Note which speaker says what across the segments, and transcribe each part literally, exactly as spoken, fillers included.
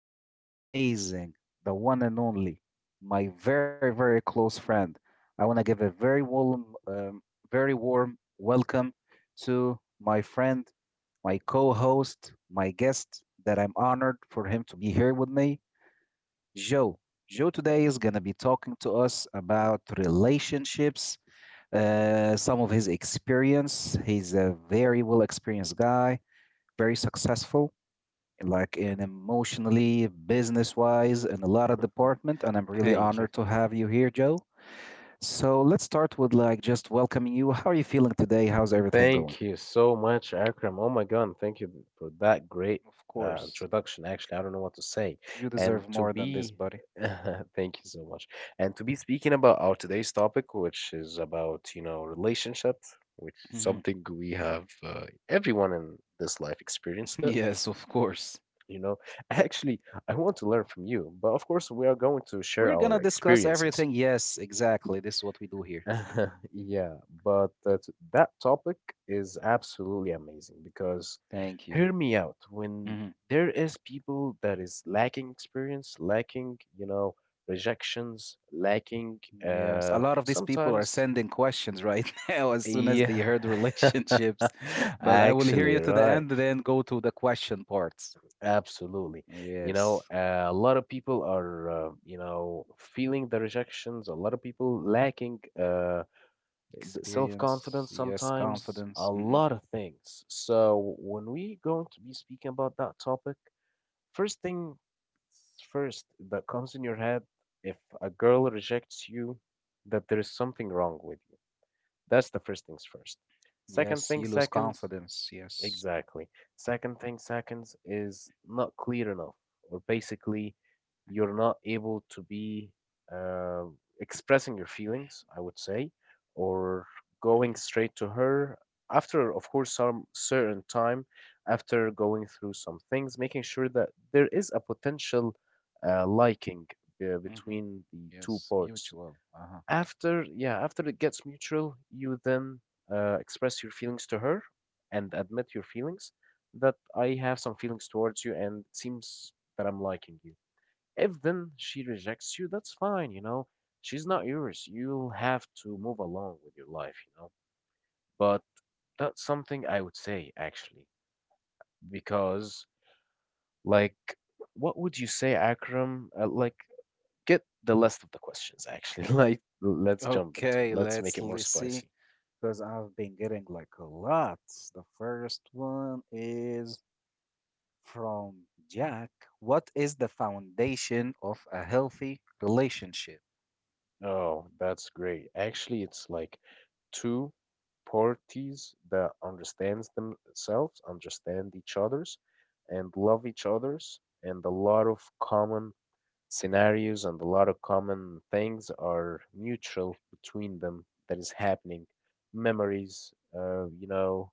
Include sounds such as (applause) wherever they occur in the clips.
Speaker 1: with our amazing, the one and only, my very, very close friend. I want to give a very warm, um, very warm welcome to my friend, my co-host, my guest that I'm honored for him to be here with me, Joe. Joe today is going to be talking to us about relationships, uh, some of his experience. He's a very well experienced guy very successful, like in emotionally, business wise, in a lot of
Speaker 2: Mm-hmm.
Speaker 1: department. And I'm really
Speaker 2: Thank you.
Speaker 1: honored to have you here, Joe. So let's start with like just welcoming you. How are you feeling today? How's everything going?
Speaker 2: Thank you so much, Akram. Oh my God, thank you for that great
Speaker 1: Of
Speaker 2: uh,
Speaker 1: course,
Speaker 2: introduction. Actually, I don't know what to say.
Speaker 1: you
Speaker 2: And
Speaker 1: deserve
Speaker 2: to
Speaker 1: more than this,
Speaker 2: be,
Speaker 1: buddy.
Speaker 2: (laughs) thank you so much. And to be speaking about our today's topic, which is about, you know, relationships, which is
Speaker 1: Mhm.
Speaker 2: something we have uh, everyone in this life
Speaker 1: (laughs)
Speaker 2: experienced it.
Speaker 1: Yes, of course.
Speaker 2: You know, (laughs) actually, I want to learn from you, but of course, we are going to share
Speaker 1: We're
Speaker 2: our
Speaker 1: gonna discuss
Speaker 2: experiences.
Speaker 1: everything. Yes, exactly. This is what we do here. Like,
Speaker 2: (laughs)
Speaker 1: mm,
Speaker 2: Yeah, but that that topic is absolutely amazing because
Speaker 1: thank you.
Speaker 2: hear me out. When
Speaker 1: Mm-hmm.
Speaker 2: there is people that is lacking experience, lacking, you know, rejections, lacking
Speaker 1: Yes, a
Speaker 2: uh
Speaker 1: lot of these people are
Speaker 2: sometimes
Speaker 1: sending questions right (laughs) now as soon as they
Speaker 2: yeah.
Speaker 1: heard relationships.
Speaker 2: (laughs)
Speaker 1: But I will hear
Speaker 2: Actually,
Speaker 1: you to the
Speaker 2: right.
Speaker 1: end, then go to the question parts.
Speaker 2: Absolutely. You
Speaker 1: Yes,
Speaker 2: know, uh, a lot of people are uh, you know, feeling the rejections, a lot of people lacking uh the
Speaker 1: experience.
Speaker 2: self-confidence,
Speaker 1: Yes,
Speaker 2: sometimes
Speaker 1: confidence.
Speaker 2: a
Speaker 1: Hmm.
Speaker 2: lot of things. So when we going to be speaking about that topic, first thing first that comes in your head if a girl rejects you, that there is something wrong with you. That's the first things first. Second
Speaker 1: Yes,
Speaker 2: thing
Speaker 1: you lose
Speaker 2: seconds.
Speaker 1: confidence. Yes.
Speaker 2: Exactly. Second thing, seconds is not clear enough, or basically, you're not able to be uh, expressing your feelings, I would say, or going straight to her after, of course, some certain time, after going through some things, making sure that there is a potential uh, liking uh,
Speaker 1: Hmm.
Speaker 2: between the two
Speaker 1: Yes,
Speaker 2: parts.
Speaker 1: mutual. Uh-huh.
Speaker 2: After, yeah, after it gets mutual, you then uh, express your feelings to her and admit your feelings that I have some feelings towards you and it seems that I'm liking you. If then she rejects you, that's fine, you know. She's not yours. You'll have to move along with your life, you know. But that's something I would say actually, because like, what would you say, Akram? Uh, like, get the list of the questions actually. (laughs) Like, let's jump into it.
Speaker 1: Okay,
Speaker 2: Let's make
Speaker 1: let's
Speaker 2: it more
Speaker 1: li- see
Speaker 2: spicy.
Speaker 1: because I've been getting like a lot. The first one is from Jack. What is the foundation of a healthy relationship?
Speaker 2: Oh, that's great. Actually, it's like two parties that understands themselves, understand each other's, and love each other's, and a lot of common scenarios and a lot of common things are mutual between them that is happening. Memories, uh, you know,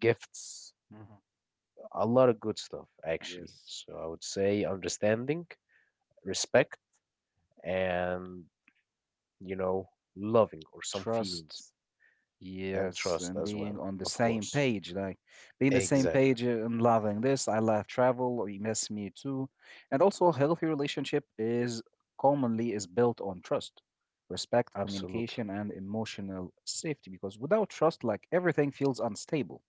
Speaker 2: gifts,
Speaker 1: Hmm.
Speaker 2: a lot of good stuff actually.
Speaker 1: Yes.
Speaker 2: So I would say understanding, respect, and you know, loving or some
Speaker 1: Trust.
Speaker 2: feelings. And
Speaker 1: Yes.
Speaker 2: trust
Speaker 1: And
Speaker 2: as
Speaker 1: being
Speaker 2: well,
Speaker 1: on the
Speaker 2: of
Speaker 1: same
Speaker 2: course.
Speaker 1: page, like being the same
Speaker 2: Exactly.
Speaker 1: page uh, and loving this. I love travel. Or you miss me too. And also, a healthy relationship is commonly is built on trust, respect,
Speaker 2: Absolutely.
Speaker 1: communication, and emotional safety. Because without trust, like everything feels unstable.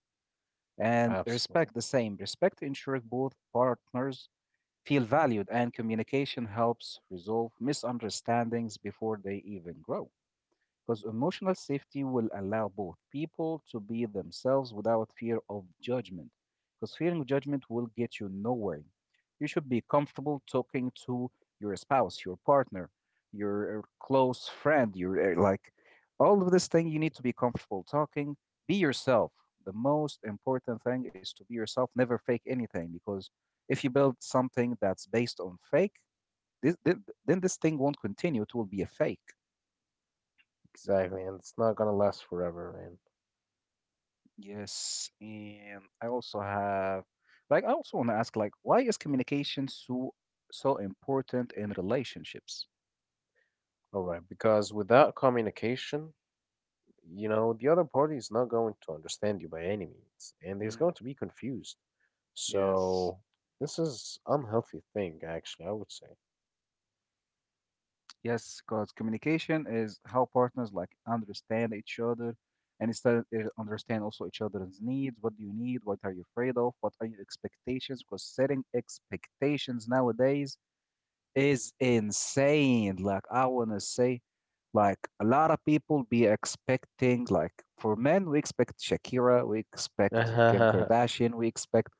Speaker 1: And
Speaker 2: Absolutely.
Speaker 1: respect the same. Respect ensures both partners feel valued, and communication helps resolve misunderstandings before they even grow. Because emotional safety will allow both people to be themselves without fear of judgment. Because fearing judgment will get you nowhere. You should be comfortable talking to your spouse, your partner, your uh, close friend, your uh, like all of this thing. You need to be comfortable talking. Be yourself. The most important thing is to be yourself. Never fake anything because if you build something that's based on fake, this, th- then this thing won't continue. It will be a fake.
Speaker 2: Exactly. And it's not gonna last forever, man.
Speaker 1: Yes, and I also have like I also want to ask like why is communication so so important in relationships?
Speaker 2: All right. Because without communication, you know, the other party is not going to understand you by any means, and is
Speaker 1: Mm,
Speaker 2: going to be confused.
Speaker 1: yes.
Speaker 2: So this is unhealthy thing, actually, I would say.
Speaker 1: Yes, because communication is how partners like understand each other and instead uh, understand also each other's needs. What do you need? What are you afraid of? What are your expectations? Because setting expectations nowadays is insane. Like I wanna say, like a lot of people be expecting, like for men, we expect Shakira, we expect Kim
Speaker 2: (laughs)
Speaker 1: Kardashian, we expect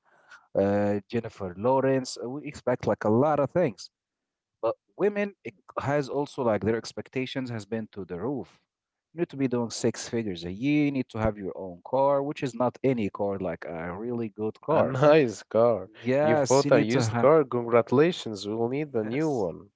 Speaker 1: uh, Jennifer Lawrence, uh, we expect like a lot of things. But women it has also like their expectations has been to the roof. You need to be doing six figures a year. You need to have your own car, which is not any car, like a really good
Speaker 2: A
Speaker 1: car.
Speaker 2: nice car. You've
Speaker 1: Yes,
Speaker 2: bought
Speaker 1: you
Speaker 2: a
Speaker 1: need to
Speaker 2: used
Speaker 1: have.
Speaker 2: car. Congratulations. We'll need a
Speaker 1: (laughs)
Speaker 2: new
Speaker 1: Yes.
Speaker 2: one.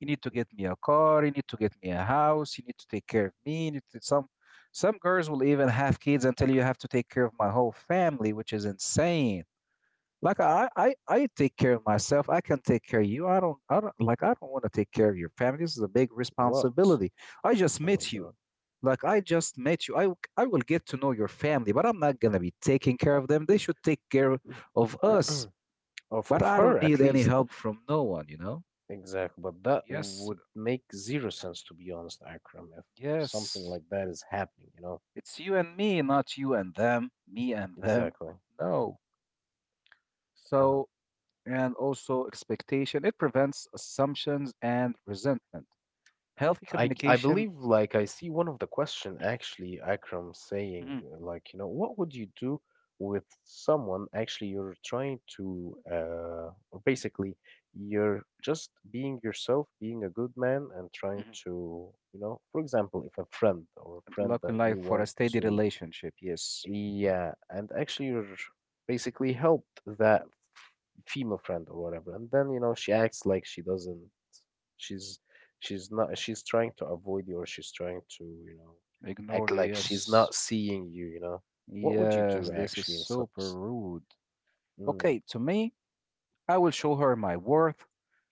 Speaker 1: You need to get me a car. You need to get me a house. You need to take care of me. You need to, some some girls will even have kids and tell you you have to take care of my whole family, which is insane. Like I, I, I take care of myself. I can take care of you. I don't, I don't like. I don't want to take care of your family. This is a big
Speaker 2: What?
Speaker 1: responsibility. I just
Speaker 2: Oh my
Speaker 1: met you.
Speaker 2: God.
Speaker 1: Like I just met you. I, w- I will get to know your family, but I'm not gonna be taking care of them. They should take care of us.
Speaker 2: (clears throat) of
Speaker 1: But
Speaker 2: of
Speaker 1: I
Speaker 2: her
Speaker 1: don't
Speaker 2: at
Speaker 1: need any
Speaker 2: least.
Speaker 1: help from no one. You know.
Speaker 2: Exactly, but that
Speaker 1: Yes.
Speaker 2: would make zero sense to be honest, Akram, if something
Speaker 1: Yes.
Speaker 2: like that is happening, you know?
Speaker 1: It's you and me, not you and them, me and them.
Speaker 2: Exactly.
Speaker 1: No.
Speaker 2: Uh-huh.
Speaker 1: So, and also expectation, it prevents assumptions and resentment. Healthy
Speaker 2: I g- I
Speaker 1: communication.
Speaker 2: believe like I see one of the question actually, Akram, saying
Speaker 1: Mm.
Speaker 2: uh, like, you know, what would you do with someone actually you're trying to uh or basically you're just being yourself, being a good man and trying
Speaker 1: Mhm.
Speaker 2: to, you know, for example, if a friend or a friend
Speaker 1: Luck
Speaker 2: that
Speaker 1: in
Speaker 2: you
Speaker 1: life for a
Speaker 2: want
Speaker 1: steady
Speaker 2: to.
Speaker 1: relationship. Yes.
Speaker 2: Yeah, and actually, you're basically helped that female friend or whatever, and then you know she acts like she doesn't. She's she's not. She's trying to avoid you, or she's trying to, you know, act
Speaker 1: Ignore you.
Speaker 2: like she's
Speaker 1: Yes.
Speaker 2: not seeing you. You know, what would you do
Speaker 1: Yes. This is
Speaker 2: actually in
Speaker 1: super
Speaker 2: such?
Speaker 1: rude.
Speaker 2: Mm,
Speaker 1: Okay. To me, I will show her my worth.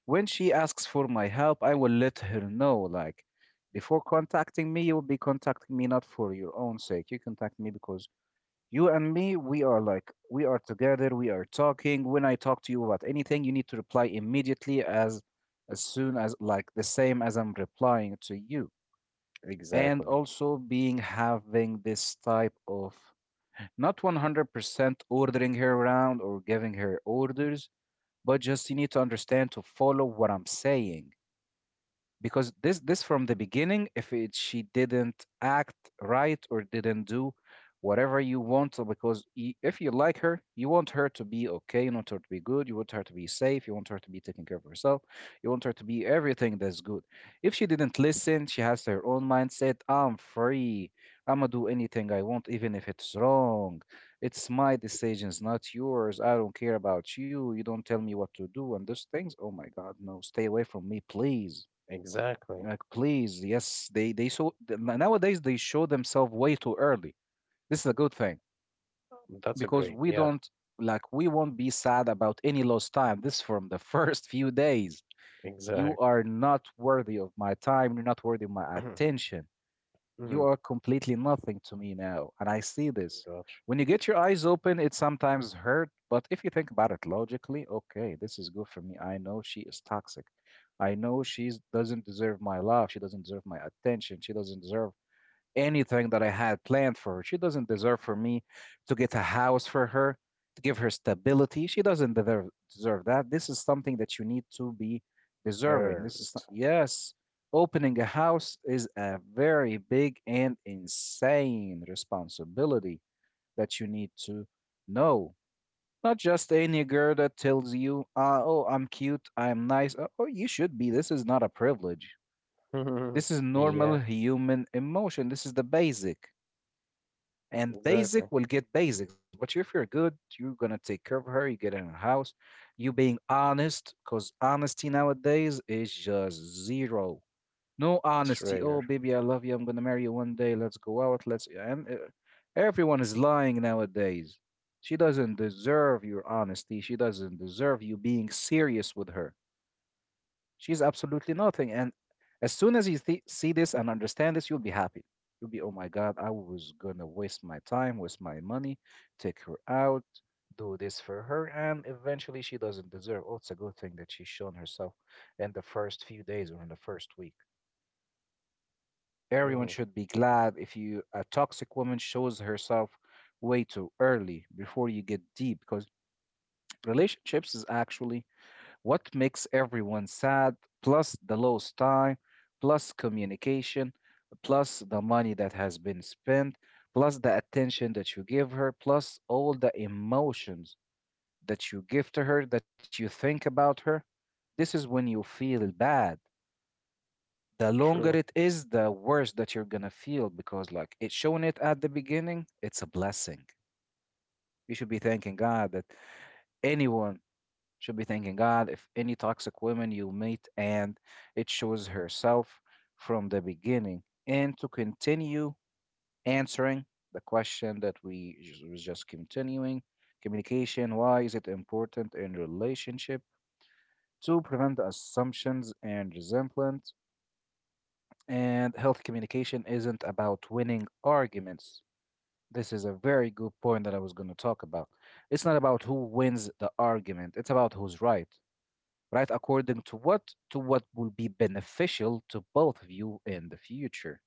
Speaker 1: When she asks for my help, I will let her know, like, before contacting me, you will be contacting me not for your own sake. You contact me because you and me, we are like, we are together, we are talking. When I talk to you about anything, you need to reply immediately as as soon as like the same as I'm replying to you. And
Speaker 2: exactly,
Speaker 1: also being having this type of not one hundred percent ordering her around or giving her orders, but just you need to understand to follow what I'm saying because this this from the beginning if it, she didn't act right or didn't do whatever you want so because y- if you like her you want her to be okay, you want her to be good, you want her to be safe, you want her to be taking care of herself, you want her to be everything that's good. If she didn't listen, she has her own mindset. I'm free. I'm gonna do anything I want, even if it's wrong. It's my decisions, not yours. I don't care about you. You don't tell me what to do, and those things. Oh my God, no. Stay away from me, please.
Speaker 2: exactly.
Speaker 1: Like, please, yes, they they so th- n- nowadays they show themselves way too early. This is a good thing
Speaker 2: That's a
Speaker 1: because
Speaker 2: great.
Speaker 1: we
Speaker 2: Yeah,
Speaker 1: don't like we won't be sad about any lost time. This from the (laughs) first few days. You
Speaker 2: exact.
Speaker 1: are not worthy of my time. You're not worthy of my
Speaker 2: (clears throat)
Speaker 1: attention.
Speaker 2: mm,
Speaker 1: You are completely nothing to me now, and I see this.
Speaker 2: gotcha.
Speaker 1: When you get your eyes open, it sometimes hurt, but if you think about it logically, okay, this is good for me. I know she is toxic. I know she doesn't deserve my love. She doesn't deserve my attention. She doesn't deserve anything that I had planned for her. She doesn't deserve for me to get a house for her, to give her stability. She doesn't deserve deserve that. This is something that you need to be deserving. This is,
Speaker 2: Earned.
Speaker 1: yes, opening a house is a very big and insane responsibility that you need to know. Not just any girl that tells you, uh, "Oh, I'm cute, I'm nice." Uh, Oh, you should be. This is not a privilege.
Speaker 2: (laughs)
Speaker 1: This is normal
Speaker 2: yeah,
Speaker 1: human emotion. This is the basic and
Speaker 2: exactly.
Speaker 1: basic will get basics. But if you're good, you're gonna take care of her. You get her in a house. You being honest, because honesty nowadays is just zero. No
Speaker 2: It's
Speaker 1: honesty. Oh,
Speaker 2: rare.
Speaker 1: baby, I love you. I'm gonna marry you one day. Let's go out. Let's and uh, everyone is lying nowadays. She doesn't deserve your honesty. She doesn't deserve you being serious with her. She's absolutely nothing. And as soon as you th- see this and understand this, you'll be happy. You'll be, oh my God, I was gonna waste my time, waste my money, take her out, do this for her, and eventually she doesn't deserve. Oh, it's a good thing that she's shown herself in the first few days or in the first week. Everyone
Speaker 2: Hmm
Speaker 1: should be glad if you a toxic woman shows herself way too early before you get deep, because relationships is actually what makes everyone sad, plus the lost time, plus communication, plus the money that has been spent, plus the attention that you give her, plus all the emotions that you give to her, that you think about her. This is when you feel bad. The longer
Speaker 2: True.
Speaker 1: it is, the worse that you're gonna feel because, like, it's showing it at the beginning, it's a blessing. You should be thanking God that anyone should be thanking God if any toxic woman you meet and it shows herself from the beginning. And to continue answering the question that we just- was just continuing. Communication, why is it important in relationship? To prevent assumptions and resentment, and healthy communication isn't about winning arguments. This is a very good point that I was going to talk about. It's not about who wins the argument, it's about who's right. Right? According to what to what will be beneficial to both of you in the future.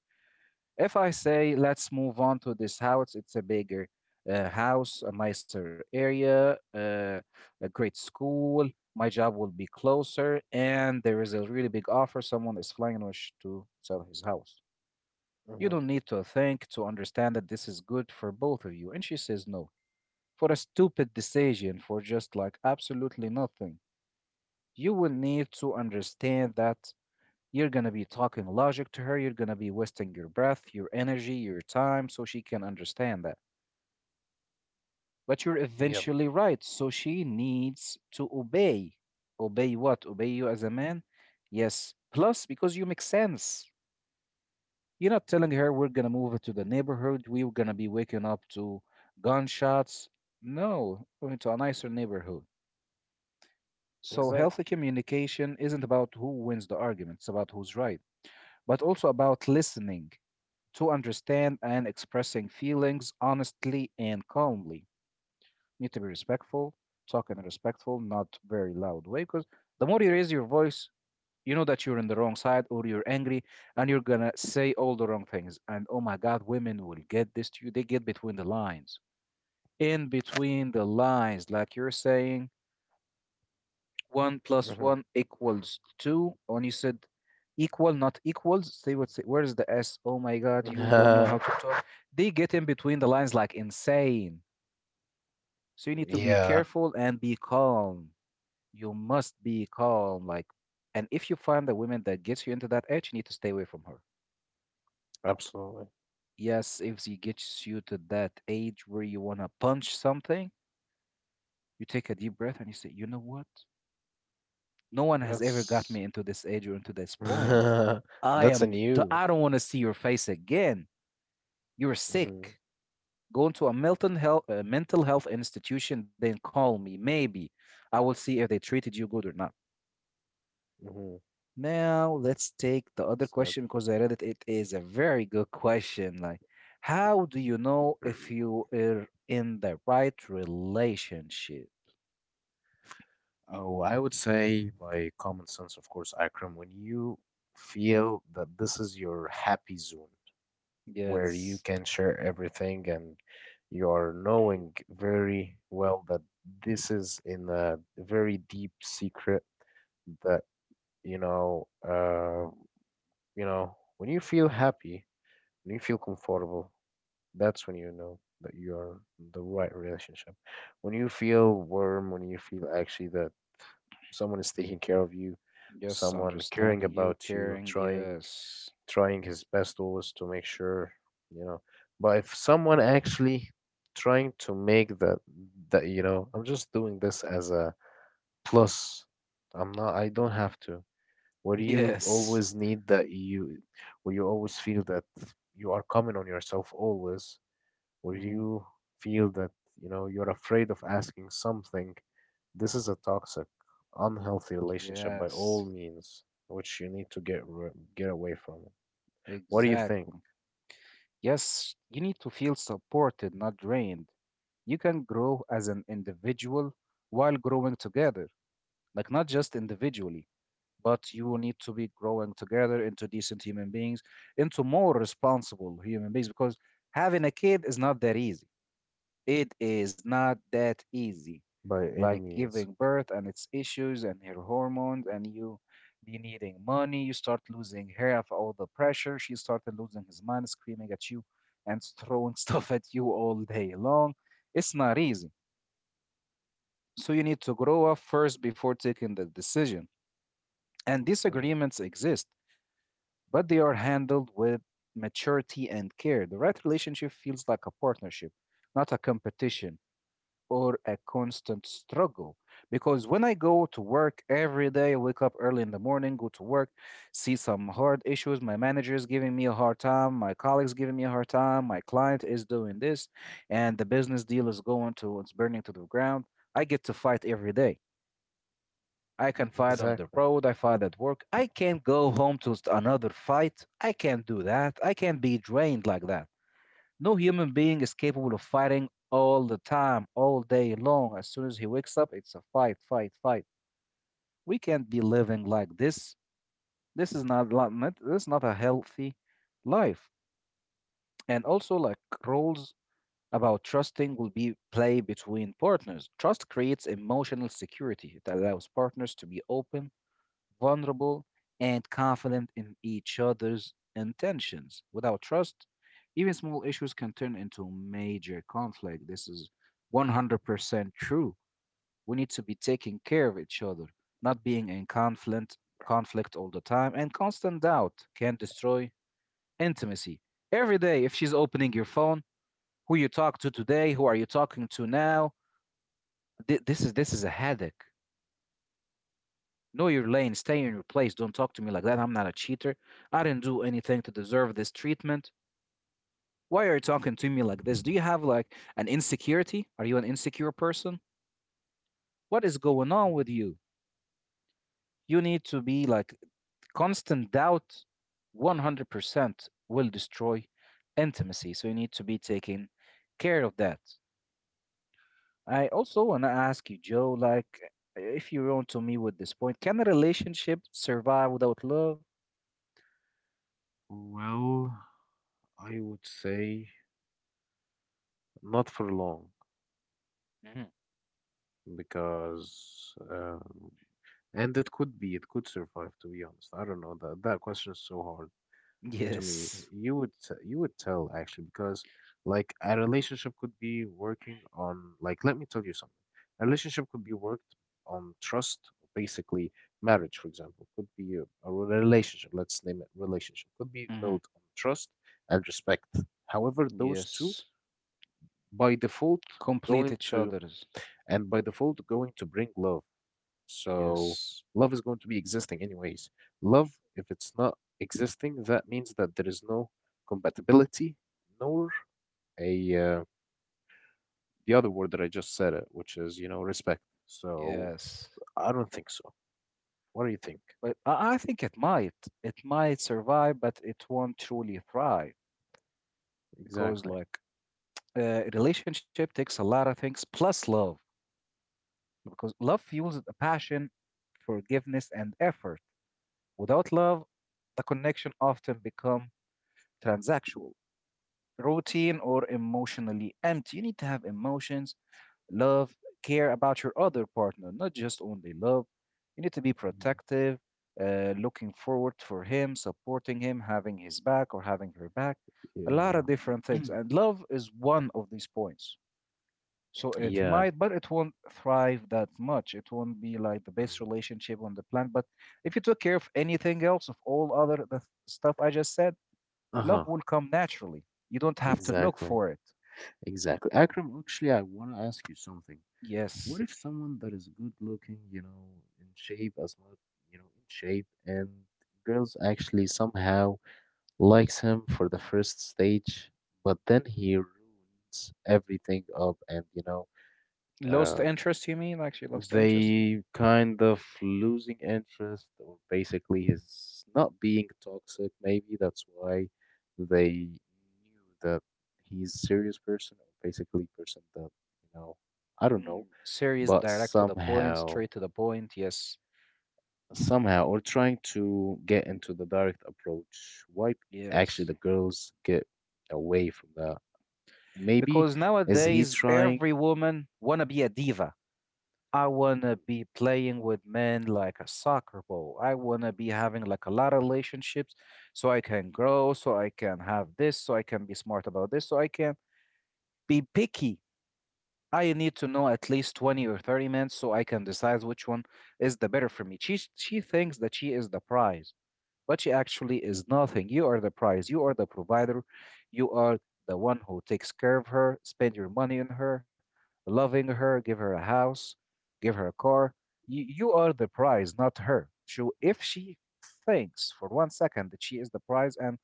Speaker 1: If I say let's move on to this house, it's a bigger uh, house, a nicer area, uh, a great school. My job will be closer, and there is a really big offer. Someone is flying and wish to sell his house. You
Speaker 2: Hmm
Speaker 1: don't need to think to understand that this is good for both of you. And she says no for a stupid decision for just like absolutely nothing. You will need to understand that you're going to be talking logic to her. You're going to be wasting your breath, your energy, your time, so she can understand that. But you're
Speaker 2: Yep,
Speaker 1: eventually right. So she needs to obey. Obey what? Obey you as a man? Yes. Plus, because you make sense. You're not telling her we're going to move to the neighborhood. We're going to be waking up to gunshots. No, we're into a nicer neighborhood. So,
Speaker 2: exactly.
Speaker 1: healthy communication isn't about who wins the argument, it's about who's right, but also about listening to understand and expressing feelings honestly and calmly. You need to be respectful, talk in a respectful, not very loud way, because the more you raise your voice, you know that you're on the wrong side or you're angry and you're gonna say all the wrong things. And oh my God, women will get this to you. They get between the lines. In between the lines, like you're saying, one plus
Speaker 2: Mhm.
Speaker 1: one equals two. When you said equal, not equals, say what's it? Where's the S? Oh my God, you don't know how to
Speaker 2: (laughs)
Speaker 1: talk. They get in between the lines like insane. So you need to be
Speaker 2: Yeah,
Speaker 1: careful and be calm. You must be calm. Like, and if you find a woman that gets you into that edge, you need to stay away from her.
Speaker 2: absolutely.
Speaker 1: Yes, if she gets you to that age where you want to punch something, you take a deep breath and you say, you know what? No one has ever got
Speaker 2: That's
Speaker 1: me into this age or into this point.
Speaker 2: (laughs)
Speaker 1: I
Speaker 2: That's a
Speaker 1: am. d-
Speaker 2: new.
Speaker 1: I don't want to see your face again. You're
Speaker 2: Hmm
Speaker 1: sick. Go into a mental health, uh, mental health institution, then call me. Maybe I will see if they treated you good or not.
Speaker 2: hmm
Speaker 1: Now let's take the other
Speaker 2: sad.
Speaker 1: question because I read it. It is a very good question. Like, how do you know if you are in the right relationship?
Speaker 2: Oh, I would say by common sense, of course, Akram, when you feel that this is your happy zone where you
Speaker 1: Yes,
Speaker 2: can share everything and you are knowing very well that this is in a very deep secret that you know uh You know, when you feel happy, when you feel comfortable, that's when you know that you're in the right relationship. When you feel warm, when you feel actually that someone is taking care of you,
Speaker 1: yes,
Speaker 2: someone caring
Speaker 1: understanding you,
Speaker 2: about you,
Speaker 1: caring.
Speaker 2: trying
Speaker 1: Yes.
Speaker 2: trying his best always to make sure, you know. But if someone actually trying to make that that you know, I'm just doing this as a plus. I'm not I don't
Speaker 1: Mm-hmm.
Speaker 2: have to. Where do you
Speaker 1: Yes.
Speaker 2: always need that you, where you always feel that you are coming on yourself always, where
Speaker 1: Hmm.
Speaker 2: you feel that, you know, you're afraid of asking something, this is a toxic, unhealthy relationship by
Speaker 1: Yes,
Speaker 2: all means, which you need to get ri get away from. What do you
Speaker 1: exactly.
Speaker 2: think?
Speaker 1: Yes, you need to feel supported, not drained. You can grow as an individual while growing together, like not just individually, but you will need to be growing together into decent human beings, into more responsible human beings, because having a kid is not that easy. It is not that easy.
Speaker 2: By any
Speaker 1: Like
Speaker 2: means.
Speaker 1: giving birth and its issues and her hormones, and you be needing money, you start losing her of all the pressure, she started losing his mind, screaming at you and throwing (laughs) stuff at you all day long. It's not easy. So you need to grow up first before taking the decision. And
Speaker 2: Hmm
Speaker 1: disagreements exist, but they are handled with maturity and care. The right relationship feels like a partnership, not a competition or a constant struggle. Because when I go to work every day, I wake up early in the morning, go to work, see some hard issues. My manager is giving me a hard time, my colleagues giving me a hard time, my client is doing this, and the business deal is going to it's burning to the ground. I get to fight every day. I can fight on the
Speaker 2: Exactly.
Speaker 1: road, I fight at work. I can't go home to st- another fight. I can't do that. I can't be drained like that. No human being is capable of fighting all the time, all day long. As soon as he wakes up, it's a fight, fight, fight. We can't be living like this. This is not lo- not- This is not a healthy life. And also, like, roles about trusting will be play between partners. Trust creates emotional security. It allows partners to be open, vulnerable, and confident in each other's intentions. Without trust, even small issues can turn into major conflict. This is one hundred percent true. We need to be taking care of each other, not being in conflict conflict all the time, and constant doubt can destroy intimacy. Every day if she's opening your phone, who you talk to today, who are you talking to now? Th- this is this is a headache. Know your lane, stay in your place. Don't talk to me like that. I'm not a cheater. I didn't do anything to deserve this treatment. Why are you talking to me like this? Do you have like an insecurity? Are you an insecure person? What is going on
Speaker 2: Mhm.
Speaker 1: with you? You need to be like, constant doubt one hundred percent will destroy intimacy. So you need to be taking care of that. I also want to ask you, Joe, like, if you're on to me with this point, can a relationship survive without love?
Speaker 2: Well, I would say not for long
Speaker 1: Mhm.
Speaker 2: because uh, and it could be, it could survive, to be honest. I don't know. That that question is so hard to me.
Speaker 1: Yes.
Speaker 2: You would t- you would tell actually because like a relationship could be working on, like, let me tell you something. A relationship could be worked on trust, basically marriage, for example, could be a, a relationship. Let's name it relationship. Could be
Speaker 1: Hmm.
Speaker 2: built on trust and respect. However, those two
Speaker 1: Yes.
Speaker 2: by default
Speaker 1: Complete
Speaker 2: going
Speaker 1: each
Speaker 2: to
Speaker 1: other's.
Speaker 2: and by default going to bring love, so
Speaker 1: Yes.
Speaker 2: love is going to be existing anyways. Love, if it's not existing, that means that there is no compatibility nor a uh, the other word that I just said it, which is, you know, respect. So
Speaker 1: Yes.
Speaker 2: I don't think so. What do you think?
Speaker 1: But I I think it might. It might survive, but it won't truly thrive because,
Speaker 2: Exactly.
Speaker 1: like, a relationship takes a lot of things plus love, because love fuels the passion, forgiveness, and effort. Without love, the connection often become transactional, routine, or emotionally empty. You need to have emotions, love, care about your other partner, not just only love. You need to be
Speaker 2: hmm
Speaker 1: protective, uh, looking forward for him, supporting him, having his back or having her back. A lot of different
Speaker 2: Yeah.
Speaker 1: things.
Speaker 2: (clears throat)
Speaker 1: And love is one of these points. So it
Speaker 2: Yeah.
Speaker 1: might, but it won't thrive that much. It won't be like the best relationship on the planet. But if you took care of anything else, of all other the stuff I just said,
Speaker 2: Uh
Speaker 1: love
Speaker 2: huh.
Speaker 1: will come naturally. You don't have to look
Speaker 2: Exactly.
Speaker 1: for it.
Speaker 2: Exactly. Akram, actually, I want to ask you something. What
Speaker 1: Yes.
Speaker 2: if someone that is good looking, you know, in shape, as much, you know, in shape, and girls actually somehow likes him for the first stage, but then he ruins everything up and, you know,
Speaker 1: Lost
Speaker 2: uh,
Speaker 1: interest, you mean? Like she lost interest?
Speaker 2: they kind of losing interest or basically he's not being toxic, maybe that's why they knew that he's serious person or basically person that you know, I don't know,
Speaker 1: Mm, serious,
Speaker 2: but
Speaker 1: direct to the point,
Speaker 2: somehow,
Speaker 1: straight to the point. Yes,
Speaker 2: somehow, or trying to get into the direct approach, why actually
Speaker 1: yes.
Speaker 2: the girls get away from that? Maybe
Speaker 1: Because
Speaker 2: is he
Speaker 1: nowadays,
Speaker 2: trying.
Speaker 1: every woman wanna be a diva. I wanna be playing with men like a soccer ball. I wanna be having like a lot of relationships, so I can grow, so I can have this, so I can be smart about this, so I can be picky. I need to know at least twenty or thirty men so I can decide which one is the better for me. She she thinks that she is the prize, but she actually is nothing. You are the prize. You are the provider. You are the one who takes care of her, spend your money on her, loving her, give her a house, give her a car. You, you are the prize, not her. So if she thinks for one second that she is the prize and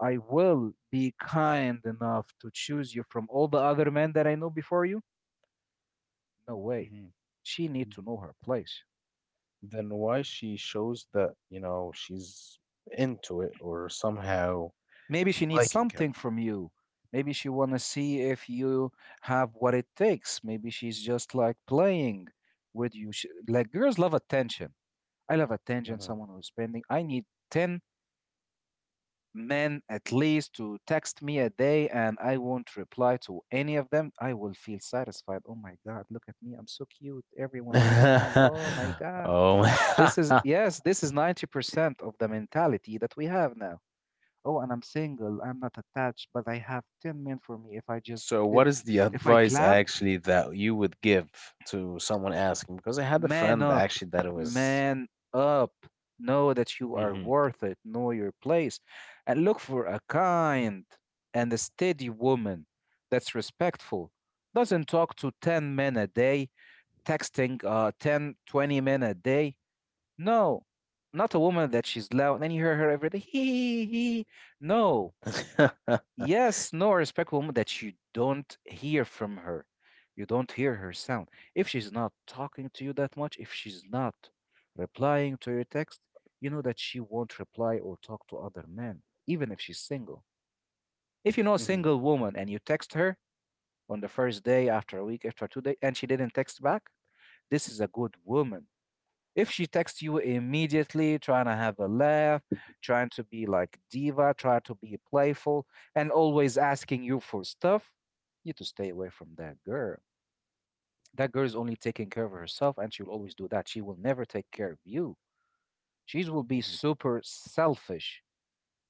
Speaker 1: I will be kind enough to choose you from all the other men that I know before you, no way.
Speaker 2: Mhm,
Speaker 1: She needs
Speaker 2: mhm.
Speaker 1: to know her place.
Speaker 2: Then why she shows that you know she's into it or somehow
Speaker 1: Maybe she needs
Speaker 2: liking him?
Speaker 1: something from you. Maybe she want to see if you have what it takes. Maybe she's just like playing with you. She, like girls love attention. I love attention.
Speaker 2: Hmm
Speaker 1: Someone who's spending. I need ten men at least to text me a day, and I won't reply to any of them. I will feel satisfied. Oh my god, look at me. I'm so cute. Everyone wants me. Oh my
Speaker 2: (laughs)
Speaker 1: god. This is
Speaker 2: oh,
Speaker 1: yes. This is ninety percent of the mentality that we have now. Oh, and I'm single, I'm not attached, but I have ten men for me. If I
Speaker 2: (laughs)
Speaker 1: just
Speaker 2: so
Speaker 1: did,
Speaker 2: what is the
Speaker 1: if I
Speaker 2: advice
Speaker 1: clapped,
Speaker 2: actually that you would give to someone asking because I had a
Speaker 1: man
Speaker 2: friend that
Speaker 1: up,
Speaker 2: actually that it was.
Speaker 1: man up. Know that you
Speaker 2: Hmm
Speaker 1: are worth it, know your place, and look for a kind and a steady woman that's respectful. Doesn't talk to ten men a day, texting uh, ten twenty men a day. No, not a woman that she's loud and you hear her every day. Hee hee hee. Hee." No. Yes, no, a respectful woman that you don't hear from her. You don't hear her sound. If she's not talking to you that much, if she's not replying to your text, you know that she won't reply or talk to other men, even if she's single. If you know a
Speaker 2: (laughs)
Speaker 1: single woman and you text her on the first day, after a week, after two days, and she didn't text back, this is a good woman. If she texts you immediately, trying to have a laugh, trying to be like diva, trying to be playful, and always asking you for stuff, you need to stay away from that girl. That girl is only taking care of herself, and she will always do that. She will never take care of you. She will be
Speaker 2: hmm
Speaker 1: super selfish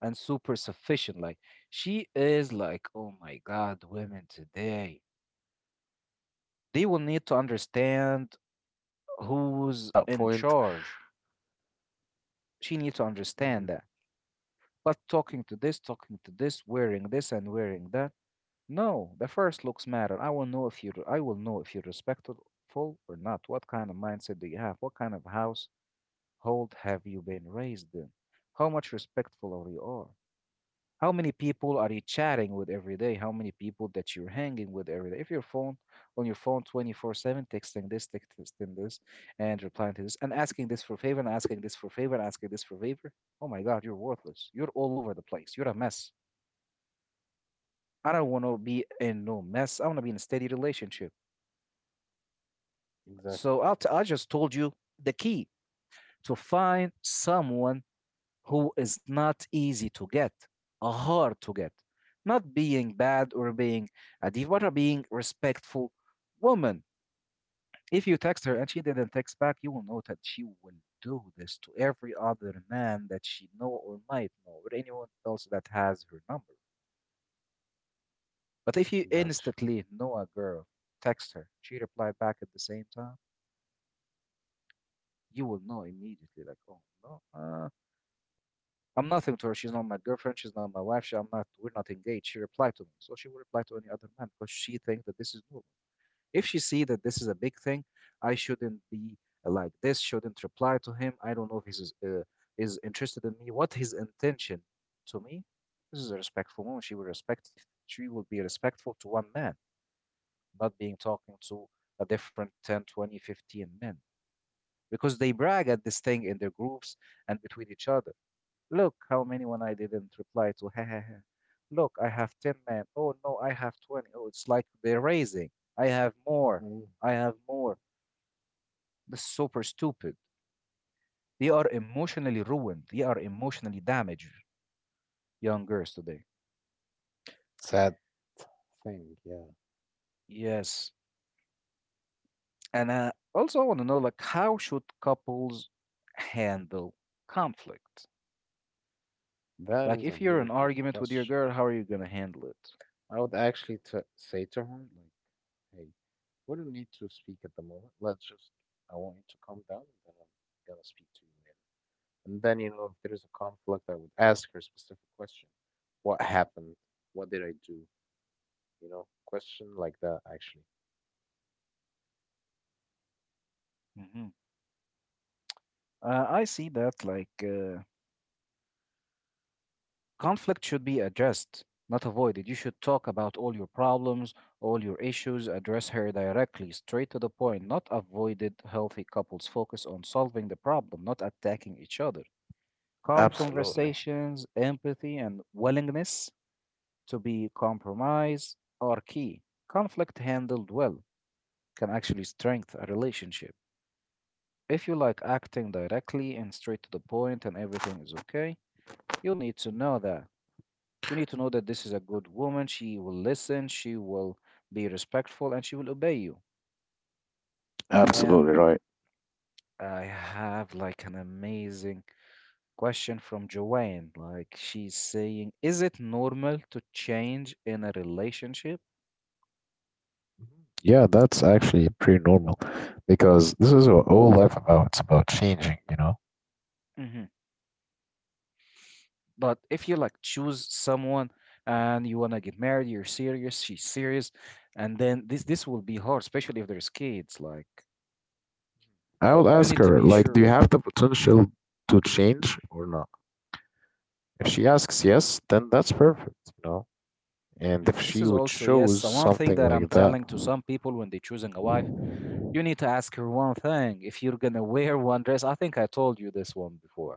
Speaker 1: and super sufficient. Like, she is like, oh my God, women today.
Speaker 2: Uh-huh.
Speaker 1: They will need to
Speaker 2: Yeah, I
Speaker 1: understand
Speaker 2: got you. Akram, I got that
Speaker 1: who's in
Speaker 2: point.
Speaker 1: charge. She needs to
Speaker 2: Hmm
Speaker 1: understand that. But talking to this, talking to this, wearing this and wearing that. No, the first looks matter. I will know if you I will know if you're respectful or not. What kind of mindset do you have? What kind of household have you been raised in? How much respectful are you are? How many people are you chatting with every day? How many people that you're hanging with every day? If your phone, on your phone twenty-four seven, texting this, texting this, and replying to this, and asking this for favor, and asking this for favor, and asking this for favor. Oh my God, you're worthless. You're all over the place. You're a mess. I don't want to be in no mess. I want to be in a steady relationship.
Speaker 2: Exactly.
Speaker 1: So I'll t- I just told you the key to find someone who is not easy to get, uh, hard to get. Not being bad or being a diva, being respectful woman. If you text her and she didn't text back, you will know that she will do this to every other man that she know or might know, or anyone else that has her number. But if you
Speaker 2: Gotcha.
Speaker 1: instantly know a girl, text her, she replied back at the same time, you will know immediately, like, oh no, uh, I'm nothing to her. She's not my girlfriend. She's not my wife. She, I'm not. We're not engaged. She replied to me, so she would reply to any other man because she thinks that this is normal. If she see that this is a big thing, I shouldn't be like this. Shouldn't reply to him. I don't know if he's uh, is interested in me. What his intention to me? This is a respectful woman. She will respect. She will be respectful to one man, not being talking to a different ten, twenty, fifteen men because they brag at this thing in their groups and between each other. Look how many when I didn't reply to. (laughs) Ha, look, I have ten men. Oh no, I have twenty. Oh, it's like they're raising. I have more.
Speaker 2: Mm.
Speaker 1: I have more. This is super stupid. They are emotionally ruined. They are emotionally damaged, young girls today.
Speaker 2: Sad thing. Yeah.
Speaker 1: Yes. And I also want to know, like, how should couples handle conflict?
Speaker 2: That
Speaker 1: Like,
Speaker 2: is a
Speaker 1: if you're
Speaker 2: very
Speaker 1: in an
Speaker 2: good
Speaker 1: argument with your
Speaker 2: question.
Speaker 1: girl, how are you gonna handle it?
Speaker 2: I would actually t say to her, like, hey, we don't need to speak at the moment. Let's just, I want you to calm down and then I'm gonna speak to you later. And then, you know, if there's a conflict, I would ask her specific question. What happened? What did I do? You know, question like that, actually.
Speaker 1: Hmm. uh, I see that like uh, conflict should be addressed, not avoided. You should talk about all your problems, all your issues, address her directly, straight to the point, not avoided. Healthy couples focus on solving the problem, not attacking each other. Calm
Speaker 2: Absolutely.
Speaker 1: conversations, empathy, and willingness to be compromised are key. Conflict handled well can actually strengthen a relationship. If you like acting directly and straight to the point and everything is okay, you'll need to know that. You need to know that this is a good woman. She will listen, she will be respectful, and she will obey you. And
Speaker 2: Absolutely right.
Speaker 1: I have like an amazing question from Joanne. Like, she's saying, is it normal to change in a relationship?
Speaker 2: Mhm. Yeah, that's actually pretty normal because this is what all life about. It's about changing, you know?
Speaker 1: Hmm. But if you like choose someone and you wanna get married, you're serious, she's serious, and then this this will be hard, especially if there's kids. Like,
Speaker 2: I will
Speaker 1: you
Speaker 2: ask
Speaker 1: need to
Speaker 2: her,
Speaker 1: be
Speaker 2: like, do you
Speaker 1: sure.
Speaker 2: have the potential to change or not? If she asks yes, then that's perfect, you know? And if
Speaker 1: Mm, this
Speaker 2: she
Speaker 1: is
Speaker 2: would
Speaker 1: also,
Speaker 2: choose
Speaker 1: yes, uh, one thing
Speaker 2: something
Speaker 1: that I'm
Speaker 2: like that.
Speaker 1: telling to some people when they're choosing a wife. You need to ask her one thing. If you're gonna wear one dress, I think I told you this one before.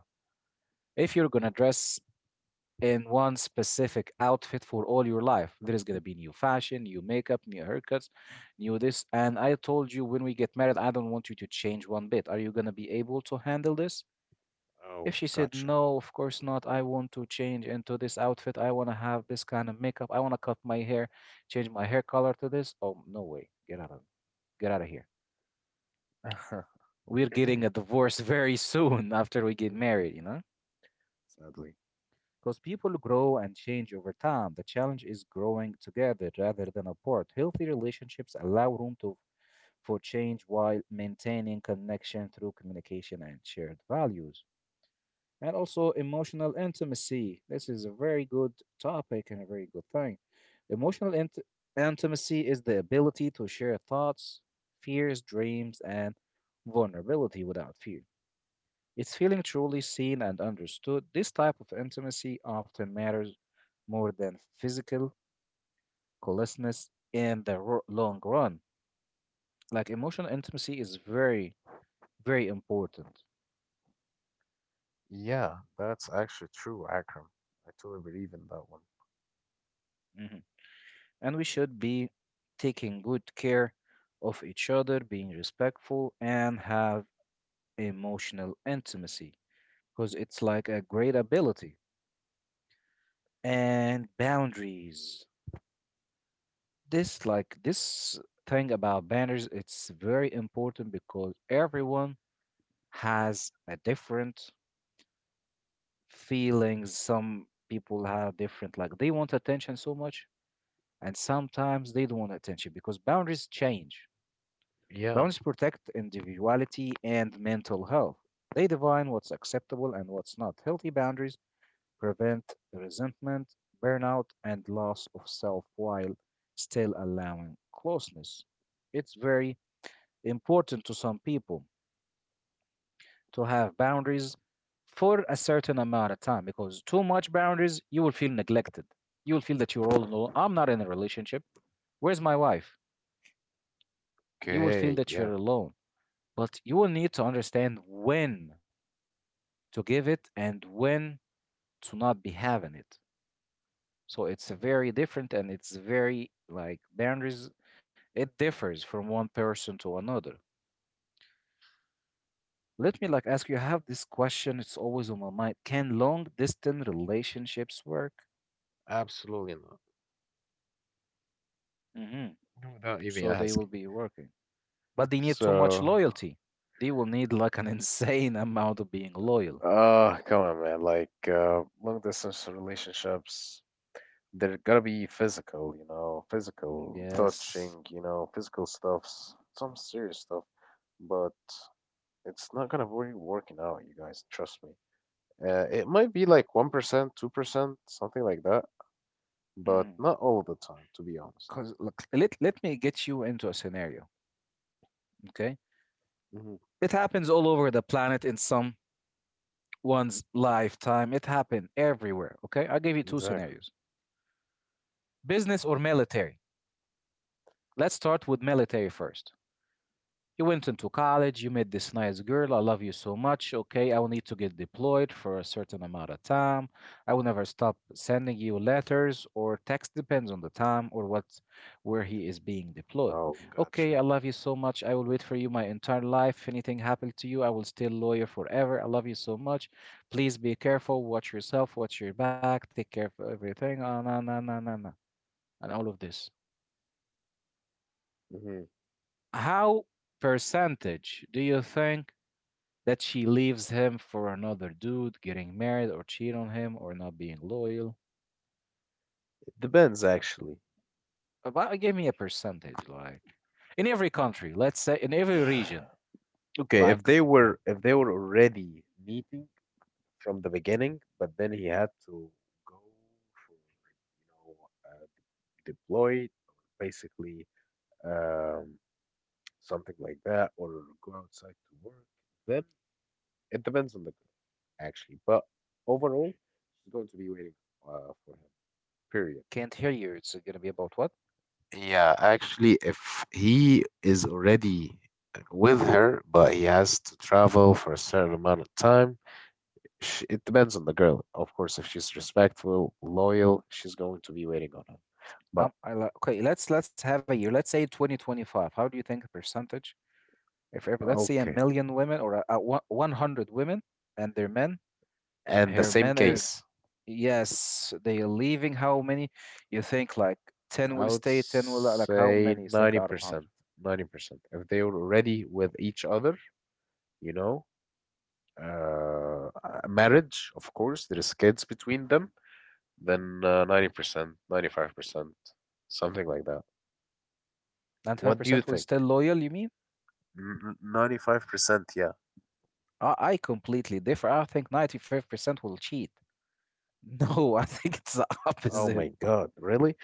Speaker 1: If you're gonna dress in one specific outfit for all your life, there is gonna be new fashion, new makeup, new haircuts, new this. And I told you, when we get married, I don't want you to change one bit. Are you gonna be able to handle this? If
Speaker 2: Oh,
Speaker 1: she said,
Speaker 2: gotcha.
Speaker 1: no, of course not, I want to change into this outfit, I wanna have this kind of makeup, I wanna cut my hair, change my hair color to this. Oh, no way. Get out of get out of here. We're getting a
Speaker 2: (clears throat) (laughs)
Speaker 1: divorce (laughs) very soon after we get married, you know?
Speaker 2: Sadly.
Speaker 1: Because people grow and change over time. The challenge is growing together rather than apart. Healthy relationships allow room to for change while maintaining connection through communication and shared values. And also emotional intimacy. This is a very good topic and a very good thing. Emotional int- intimacy is the ability to share thoughts, fears, dreams, and vulnerability without fear. It's feeling truly seen and understood. This type of intimacy often matters more than physical closeness in the ro- long run. Like, emotional intimacy is very, very important.
Speaker 2: Yeah, that's actually true, Akram. I totally believe in that one.
Speaker 1: Mhm. And we should be taking good care of each other, being respectful, and have emotional intimacy because it's like a great ability. And boundaries. This like this thing about banners, it's very important because everyone has a different feelings. Some people have different like they want attention so much, and sometimes they don't want attention because boundaries change.
Speaker 2: Yeah.
Speaker 1: Boundaries protect individuality and mental health. They define what's acceptable and what's not. Healthy boundaries prevent resentment, burnout, and loss of self while still allowing closeness. It's very important to some people to have boundaries for a certain amount of time because too much boundaries, you will feel neglected. You will feel that you're all alone. I'm not in a relationship. Where's my wife? You will feel
Speaker 2: Okay.
Speaker 1: that
Speaker 2: Yeah.
Speaker 1: you're alone. But you will need to understand when to give it and when to not be having it. So it's a
Speaker 2: Mhm.
Speaker 1: very different and it's very like boundaries. It differs from one person to another. Let me like ask you, I have this question, it's always on my mind. Can long distance relationships work?
Speaker 2: Absolutely not.
Speaker 1: Hmm.
Speaker 2: Without even
Speaker 1: So they will
Speaker 2: asking.
Speaker 1: be working. But they need too much
Speaker 2: So,
Speaker 1: loyalty. They will need like an (laughs) insane amount of being loyal.
Speaker 2: uh, come on, man. Like, uh, long distance relationships, they're going to be physical, you know, physical touching,
Speaker 1: Yes.
Speaker 2: you know, physical stuffs, some serious stuff. But it's not gonna be working out, you guys. Trust me. Uh, it might be like one percent, two percent, something like that, but
Speaker 1: Mm.
Speaker 2: not all the time, to be honest.
Speaker 1: Cause look, let let me get you into a scenario, okay?
Speaker 2: Hmm
Speaker 1: It happens all over the planet in someone's lifetime. It happened everywhere, okay? I'll give you two
Speaker 2: Exactly.
Speaker 1: scenarios. Business or military. Let's start with military first. You went into college, you met this nice girl, I love you so much. Okay, I will need to get deployed for a certain amount of time. I will never stop sending you letters or text, depends on the time or what where he is being deployed.
Speaker 2: Oh,
Speaker 1: Okay,
Speaker 2: gotcha.
Speaker 1: I love you so much. I will wait for you my entire life. If anything happened to you, I will still lawyer forever. I love you so much. Please be careful, watch yourself, watch your back, take care of everything. Ah, na na na na na, and all of this.
Speaker 2: Hmm
Speaker 1: How percentage do you think? That she leaves him for another dude, getting married or cheat on him or not being loyal.
Speaker 2: It depends, actually.
Speaker 1: About give me a percentage, like in every country, let's say in every region.
Speaker 2: Okay,
Speaker 1: Like,
Speaker 2: if they were if they were already meeting from the beginning, but then he had to go for you know uh, deployed or basically um, something like that, or go outside to work, then it depends on the girl actually. But overall, she's going to be waiting uh, for him. Period.
Speaker 1: can't hear you. It's gonna be about what?
Speaker 2: Yeah, actually, if he is already with her, but he has to travel for a certain amount of time, Sh it depends on the girl. Of course, if she's respectful, loyal, she's going to be waiting on him. But
Speaker 1: Um, I, li- okay, let's let's have a year. Let's say twenty twenty-five. How do you think a percentage? If if let's say a
Speaker 2: okay.
Speaker 1: million women or a, a one- 100 women and their men,
Speaker 2: And the
Speaker 1: her
Speaker 2: same
Speaker 1: men are
Speaker 2: case,
Speaker 1: yes, they are leaving how many? You think like ten
Speaker 2: I
Speaker 1: will
Speaker 2: would
Speaker 1: stay, ten will uh, like how
Speaker 2: say
Speaker 1: many you think out of
Speaker 2: ninety percent,
Speaker 1: one hundred?
Speaker 2: ninety percent. If they were already with each other, you know, uh, uh, marriage, of course, there is kids between them, then uh, ninety percent, ninety-five percent, something like that.
Speaker 1: Ninety-five
Speaker 2: What do you
Speaker 1: percent will
Speaker 2: think?
Speaker 1: stay loyal, you mean?
Speaker 2: ninety-five percent, yeah.
Speaker 1: I, I completely differ. I think ninety-five percent will cheat. No, (laughs) I think it's the
Speaker 2: Oh
Speaker 1: opposite.
Speaker 2: my God, really?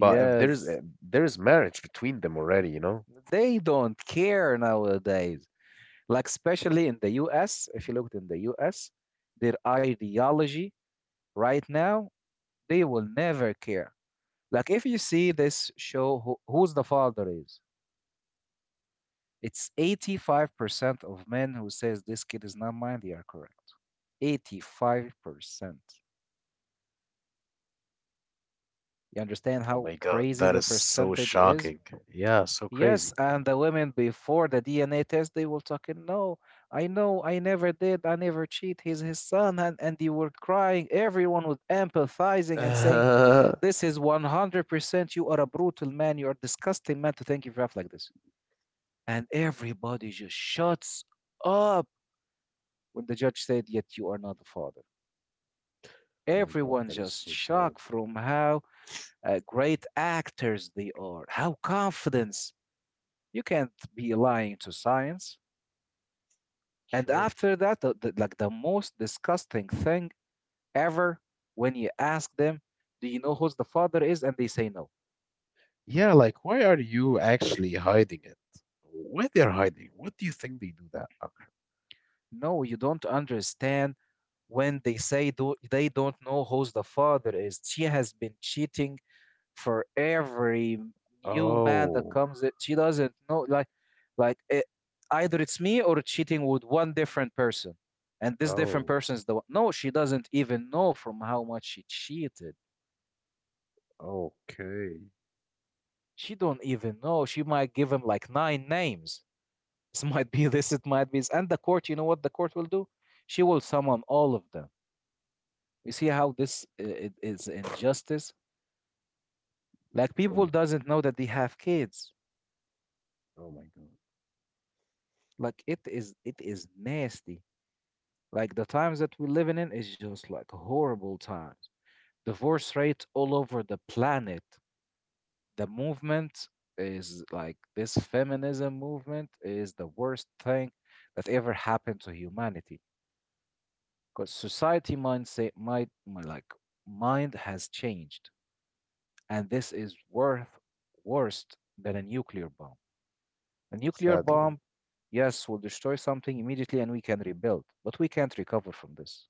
Speaker 2: But if there's a, there's marriage between them already, you know?
Speaker 1: They don't care nowadays. Like, especially in the U S, if you looked in the U S, their ideology right now, they will never care. Like, if you see this show, who, Who's the Father is, it's eighty-five percent of men who says this kid is not mine, they are correct. eighty-five percent. You understand
Speaker 2: Oh
Speaker 1: how
Speaker 2: my God,
Speaker 1: crazy
Speaker 2: that
Speaker 1: the
Speaker 2: is so
Speaker 1: percentage is?
Speaker 2: shocking. Yeah, so
Speaker 1: Yes,
Speaker 2: crazy.
Speaker 1: and the women before the D N A test, they will talking, no, I know, I never did, I never cheat. He's his son, and and they were crying. Everyone was empathizing and saying,
Speaker 2: (laughs) oh
Speaker 1: this is one hundred percent. You are a brutal man. You are disgusting man to think you have like this. And everybody just shuts up when the judge said, yet you are not the father.
Speaker 2: my God,
Speaker 1: Everyone
Speaker 2: that is
Speaker 1: just
Speaker 2: so sad.
Speaker 1: shocked from how uh, great actors they are, how confidence. You can't be lying to science. And
Speaker 2: Sure.
Speaker 1: after that, the, the- like the most disgusting thing ever, when you ask them, do you know who's the father is? And they say no.
Speaker 2: Yeah, like why are you actually hiding it? Why they're hiding? What do you think they do that? Uh,
Speaker 1: No, you don't understand when they say do, they don't know who's the father is. She has been cheating for every new man that
Speaker 2: Oh,
Speaker 1: comes in. She doesn't know, like, like eh, either it's me or cheating with one different person. And this different
Speaker 2: oh,
Speaker 1: person is the one. No, she doesn't even know from how much she cheated.
Speaker 2: okay.
Speaker 1: She don't even know. She might give him like nine names. (laughs) This might be this, it might be this. And the court, you know what the court will do? She will summon all of them. You see how this uh, it is injustice? Like, people
Speaker 2: Um,
Speaker 1: doesn't know that they have kids.
Speaker 2: oh my God.
Speaker 1: Like, it is it is nasty. Like, the times that we're living in is just like horrible times. Divorce rate all over the planet. The movement is like this feminism movement is the worst thing that ever happened to humanity because society mindset might, like, mind has changed, and this is worth worse than a nuclear bomb. A nuclear
Speaker 2: Sadly.
Speaker 1: bomb, yes, will destroy something immediately and we can rebuild, but we can't recover from this.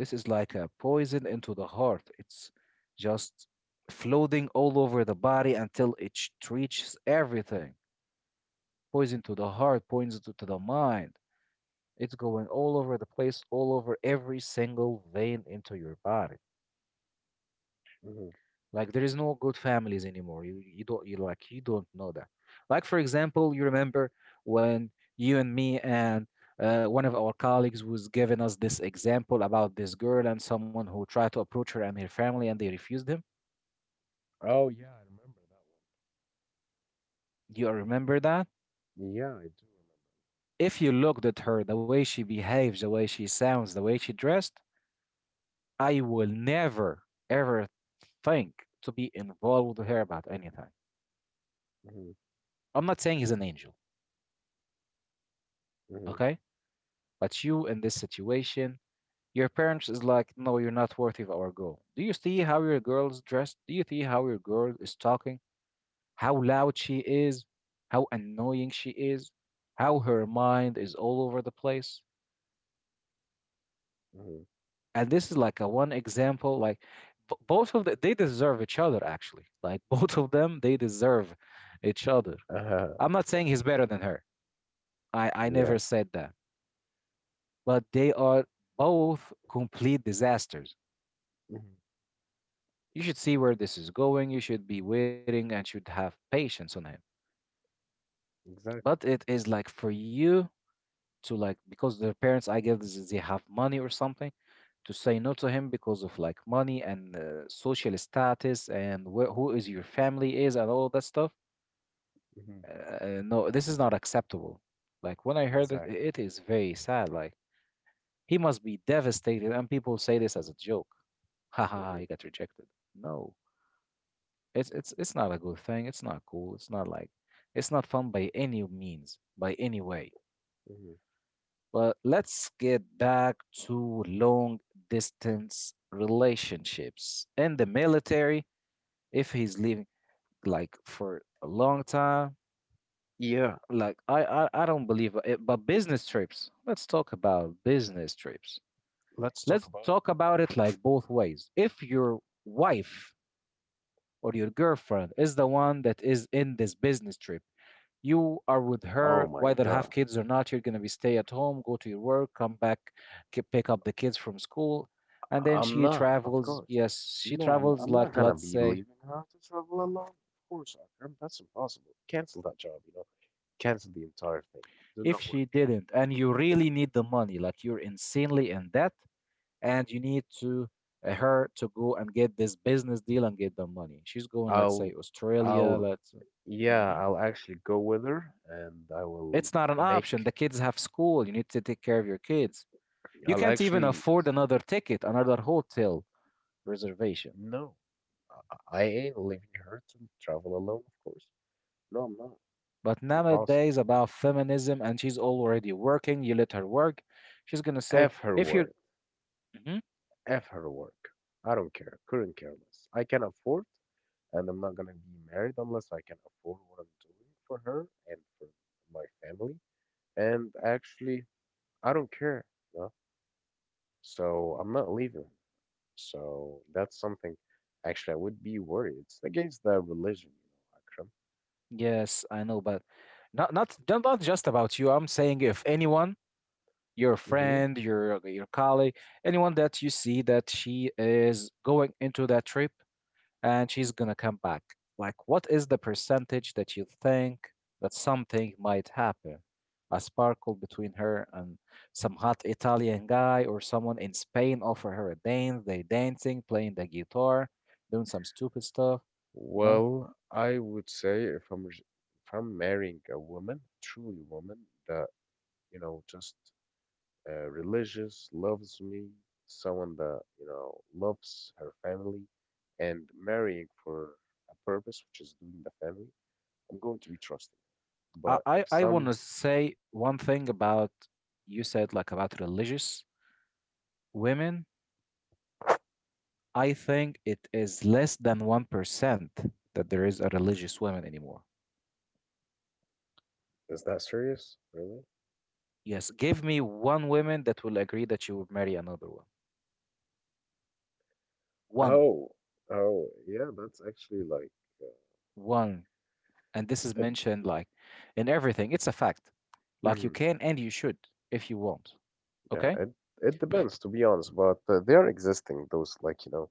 Speaker 1: This is like a poison into the heart. It's just floating all over the body until it sh- reaches everything. Poison to the heart, poison to, to the mind. It's going all over the place, all over every single vein into your body.
Speaker 2: Mhm.
Speaker 1: Like, there is no good families anymore. You you don't you, like, you don't know that. Like, for example, you remember when you and me and uh, one of our colleagues was giving us this example about this girl and someone who tried to approach her and her family and they refused him.
Speaker 2: Oh yeah, I remember that
Speaker 1: Do you remember that?
Speaker 2: one. Yeah, I do
Speaker 1: If you looked at her, the way she behaves, the way she sounds, the way she dressed, I will never ever think to be involved with her about anything.
Speaker 2: remember.
Speaker 1: I'm not saying he's an angel,
Speaker 2: Mm-hmm, mm-hmm,
Speaker 1: okay? But you in this situation, your parents is like, no, you're not worthy of our goal. Do you see how your girl's dressed? Do you see how your girl is talking? How loud she is? How annoying she is? How her mind is all over the place?
Speaker 2: mm-hmm.
Speaker 1: And this is like a one example. Like, b- both of the, they deserve each other actually. Like, (laughs) both of them, they deserve each other.
Speaker 2: Uh-huh.
Speaker 1: I'm not saying he's better than her. I I
Speaker 2: Yeah.
Speaker 1: never said that. But they are both complete disasters.
Speaker 2: Mhm.
Speaker 1: You should see where this is going. You should be waiting and should have patience on him.
Speaker 2: Exactly.
Speaker 1: But it is like for you to, like, because their parents, I guess, is they have money or something, to say no to him because of like money and uh, social status and wh- who is your family is and all that stuff.
Speaker 2: Mhm.
Speaker 1: Uh, no, this is not acceptable. Like, when I heard it,
Speaker 2: Exactly.
Speaker 1: it is very sad. Like, he must be devastated, and people say this as a joke. (laughs) Haha,
Speaker 2: Mhm.
Speaker 1: he got rejected. No. It's it's it's not a good thing. It's not cool. It's not like, it's not fun by any means, by any way.
Speaker 2: Mhm.
Speaker 1: But let's get back to long distance relationships in the military. If he's leaving like for a long time,
Speaker 2: Yeah,
Speaker 1: like I I, I don't believe it. But business trips. Let's talk about business trips.
Speaker 2: let's talk
Speaker 1: Let's
Speaker 2: about it.
Speaker 1: talk about it like both ways. If your wife or your girlfriend is the one that is in this business trip, you are with
Speaker 2: Oh
Speaker 1: her.
Speaker 2: my
Speaker 1: Whether have
Speaker 2: God.
Speaker 1: kids or not, you're going to be stay at home, go to your work, come back, ki- pick up the kids from school, and then
Speaker 2: I'm
Speaker 1: she
Speaker 2: not, of
Speaker 1: travels.
Speaker 2: course.
Speaker 1: Yes, she
Speaker 2: No, I'm
Speaker 1: travels,
Speaker 2: I'm not
Speaker 1: like,
Speaker 2: gonna
Speaker 1: let's
Speaker 2: be
Speaker 1: say,
Speaker 2: leaving her to travel alone. Of course, Akram, that's impossible. Cancel that job, you know. Cancel the entire thing. Do
Speaker 1: if
Speaker 2: not work.
Speaker 1: she didn't and you really need the money, like you're insanely in debt and you need to, uh, her to go and get this business deal and get the money. She's going, let's say,
Speaker 2: I'll
Speaker 1: Australia.
Speaker 2: I'll
Speaker 1: Let's,
Speaker 2: yeah,
Speaker 1: mhm,
Speaker 2: I'll actually go with her and I will
Speaker 1: it's not an option.
Speaker 2: make
Speaker 1: The kids have school. You need to take care of your kids. You
Speaker 2: I'll
Speaker 1: can't even
Speaker 2: actually
Speaker 1: afford another ticket, another hotel reservation.
Speaker 2: no. I I ain't leaving her to travel alone, of course. No, I'm not.
Speaker 1: But
Speaker 2: Impossible.
Speaker 1: nowadays, about feminism, and she's already working. You let her work. She's gonna say,
Speaker 2: F her
Speaker 1: if you're,
Speaker 2: word.
Speaker 1: mhm,
Speaker 2: F her work. I don't care. Couldn't care less. I can afford, and I'm not gonna be married unless I can afford what I'm doing for her and for my family. And actually, I don't care. You, so I'm not leaving. So that's something. Actually, I would be worried. It's against the religion, you know,
Speaker 1: yes, I know, but not not, do not not just about you. I'm saying if anyone, your
Speaker 2: Akram. Hmm.
Speaker 1: friend, your your colleague, anyone that you see that she is going into that trip, and she's gonna come back. Like, what is the percentage that you think that something might happen? A sparkle between her and some hot Italian guy, or someone in Spain offer her a dance, they dancing, playing the guitar, doing some stupid stuff, you know?
Speaker 2: Well, I would say if I'm re- if I'm marrying a woman, truly woman, that, you know, just uh, religious, loves me, someone that, you know, loves her family and marrying for a purpose, which is doing the family, I'm going to be trusting.
Speaker 1: I,
Speaker 2: But if
Speaker 1: I, I wanna
Speaker 2: some,
Speaker 1: say one thing about you said like about religious women. I think it is less than one percent that there is a religious woman anymore.
Speaker 2: is that serious, really?
Speaker 1: Yes, give me one woman that will agree that she would marry another one. One,
Speaker 2: Oh, oh, yeah, that's actually like, uh,
Speaker 1: one. And this is
Speaker 2: it,
Speaker 1: mentioned like in everything. It's a fact. Like, you
Speaker 2: mhm,
Speaker 1: can and you should if you want.
Speaker 2: yeah,
Speaker 1: Okay?
Speaker 2: it it depends to be honest, but uh, they are existing those, like, you know,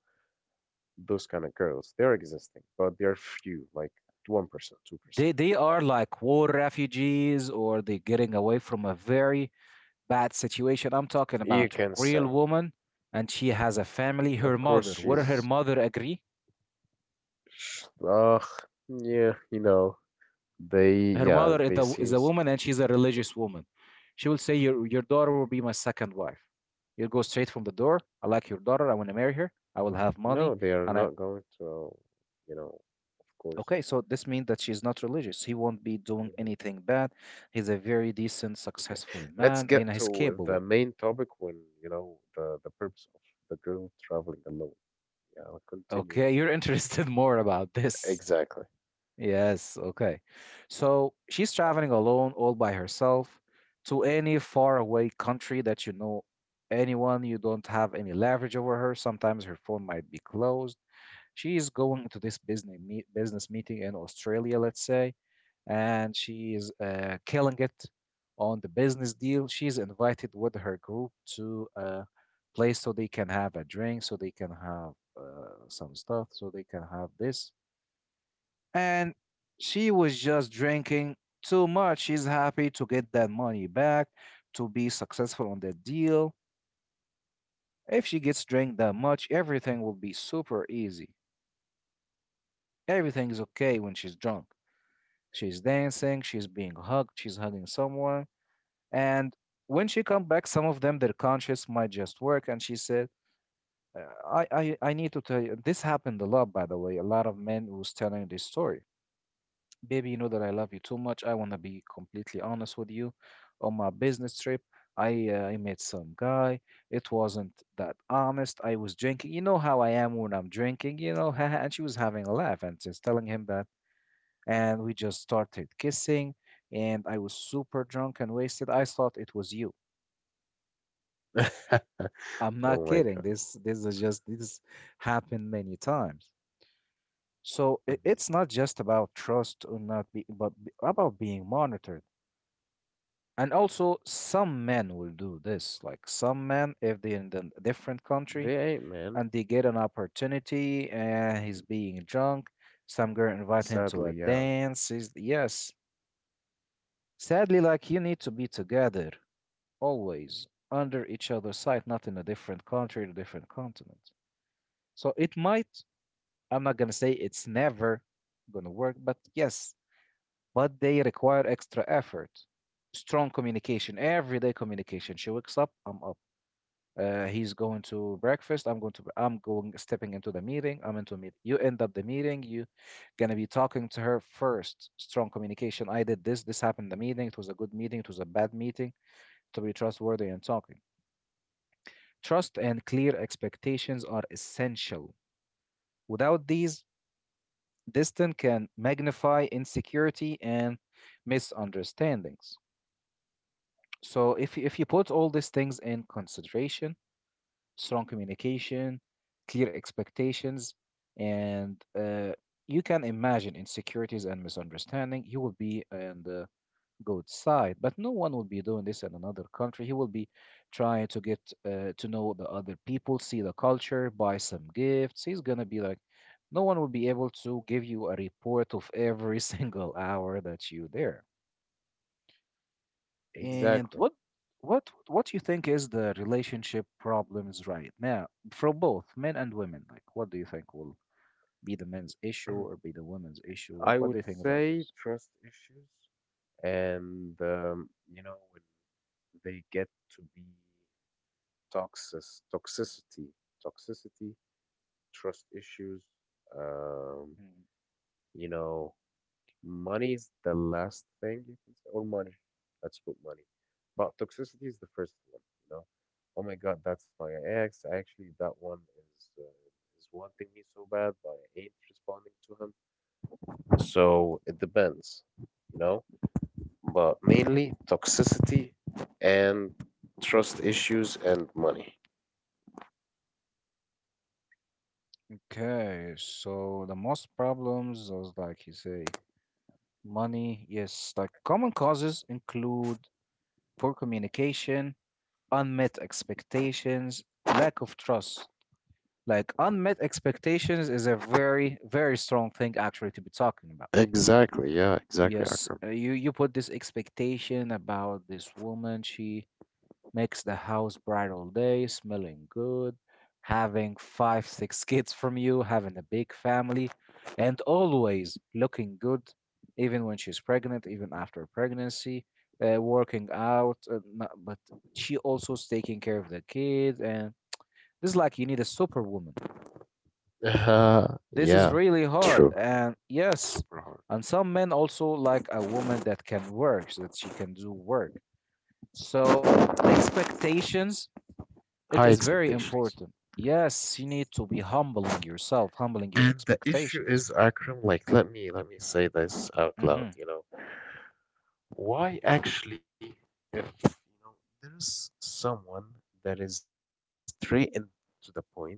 Speaker 2: those kind of girls. They're existing, but they're few, like one percent, two percent.
Speaker 1: They they are like war refugees, or they getting away from a very bad situation. I'm talking
Speaker 2: You
Speaker 1: about
Speaker 2: can
Speaker 1: real
Speaker 2: say.
Speaker 1: woman, and she has a family. Her
Speaker 2: Of course,
Speaker 1: mother. Would her
Speaker 2: she's
Speaker 1: mother agree?
Speaker 2: ugh, yeah, you know, they,
Speaker 1: Her
Speaker 2: yeah,
Speaker 1: mother is
Speaker 2: they
Speaker 1: a, is a
Speaker 2: seems,
Speaker 1: woman, and she's a religious woman. She will say your your daughter will be my second wife. You'll go straight from the door. I like your daughter, I want to marry her, I will have money
Speaker 2: no, they are
Speaker 1: and I,
Speaker 2: not going to, you know, of course.
Speaker 1: okay, so this means that she's not religious. He won't be doing
Speaker 2: Hmm.
Speaker 1: anything bad. He's a very decent,
Speaker 2: Okay,
Speaker 1: successful
Speaker 2: let's
Speaker 1: man, and
Speaker 2: get
Speaker 1: he's
Speaker 2: to the
Speaker 1: capable.
Speaker 2: main topic when, you know, the the purpose of the girl traveling alone. Yeah, I'll continue.
Speaker 1: Okay, you're interested (laughs) more about this.
Speaker 2: Exactly.
Speaker 1: Yes, okay. So she's traveling alone, all by herself, to any faraway country that you know, anyone, you don't have any leverage over her. Sometimes her phone might be closed. She is going to this business meet, business meeting in Australia, let's say, and she is uh, killing it on the business deal. She's invited with her group to a place so they can have a drink, so they can have uh, some stuff, so they can have this, and she was just drinking too much. She's happy to get that money back, to be successful on that deal. If she gets drink that much, everything will be super easy. Everything is okay when she's drunk. She's dancing, she's being hugged, she's hugging someone, and when she come back, some of them their conscience might just work. And she said, uh, "I, I, I need to tell you this happened a lot, by the way. A lot of men was telling this story." Baby, you know that I love you too much. I want to be completely honest with you. On my business trip, I, uh, I met some guy. It wasn't that honest. I was drinking. You know how I am when I'm drinking, you know. (laughs) And she was having a laugh and just telling him that. And we just started kissing, and I was super drunk and wasted. I thought it was you.
Speaker 2: (laughs)
Speaker 1: I'm not
Speaker 2: Oh my
Speaker 1: kidding.
Speaker 2: God.
Speaker 1: This this is just this happened many times. So, i-
Speaker 2: Mhm.
Speaker 1: it's not just about trust or not be, but b- about being monitored. And also, some men will do this. Like, some men, if they're in a different country
Speaker 2: They ain't, man.
Speaker 1: and they get an opportunity and he's
Speaker 2: Mhm.
Speaker 1: being drunk, some girl invite him to a
Speaker 2: Sadly, yeah,
Speaker 1: dance. He's, yes. Sadly, like, you need to be together always under each other's side, not in a different country, in different continent. So it might, I'm not gonna say it's never gonna work, but yes, but they require extra effort. Strong communication, everyday communication. She wakes up, I'm up. Uh, he's going to breakfast. I'm going to, br- I'm going stepping into the meeting. I'm into a meeting. You end up the meeting. You gonna be talking to her first. Strong communication. I did this. This happened in the meeting. It was a good meeting. It was a bad meeting. To be trustworthy and talking. Trust and clear expectations are essential. Without these, distance can magnify insecurity and misunderstandings. So if you- if you put all these things in consideration, strong communication, clear expectations, and uh, you can imagine insecurities and misunderstanding. You will be on the good side, but no one will be doing this in another country. He will be trying to get, uh, to know the other people, see the culture, buy some gifts. He's gonna be like, no one will be able to give you a report of every (laughs) single hour that you there. And
Speaker 2: exactly.
Speaker 1: what what what you think is the relationship problems right now for both men and women? Like, what do you think will be the men's issue or be
Speaker 2: (clears throat)
Speaker 1: the women's issue? Like,
Speaker 2: I
Speaker 1: what
Speaker 2: would
Speaker 1: do you think about
Speaker 2: say
Speaker 1: this?
Speaker 2: trust issues and um, you know, they get to be toxic, toxicity, toxicity, trust issues. Um,
Speaker 1: Mm.
Speaker 2: you know, money is the last thing you can say, or money. Let's put money, but toxicity is the first one. You know, oh my God, that's my ex. Actually, that one is uh, is wanting me so bad, but I ain't responding to him. So it depends, you know, but mainly toxicity and trust issues and money.
Speaker 1: Okay, so the most problems was like you say money. Yes, like, common causes include poor communication, unmet expectations, lack of trust. Like, unmet expectations is a very, very strong thing actually to be talking about.
Speaker 2: Exactly. Yeah. Exactly.
Speaker 1: Yes,
Speaker 2: Akram.
Speaker 1: uh, you you put this expectation about this woman. She makes the house bright all day, smelling good, having five, six kids from you, having a big family, and always looking good, even when she's pregnant, even after pregnancy, uh, working out. Uh, no- but she also's taking care of the kids, and this is like you need a superwoman.
Speaker 2: Uh,
Speaker 1: This is
Speaker 2: yeah.
Speaker 1: really hard.
Speaker 2: True.
Speaker 1: And yes,
Speaker 2: Super hard.
Speaker 1: and some men also like a woman that can work, so that she can do work. So, expectations, it
Speaker 2: High
Speaker 1: is very
Speaker 2: expectations.
Speaker 1: important. Yes, you need to be humbling yourself, humbling your
Speaker 2: And the issue
Speaker 1: expectations.
Speaker 2: is, Akram, like, let me let me say this out loud.
Speaker 1: Hmm.
Speaker 2: You know, why actually, if you know, there's someone that is straight and to the point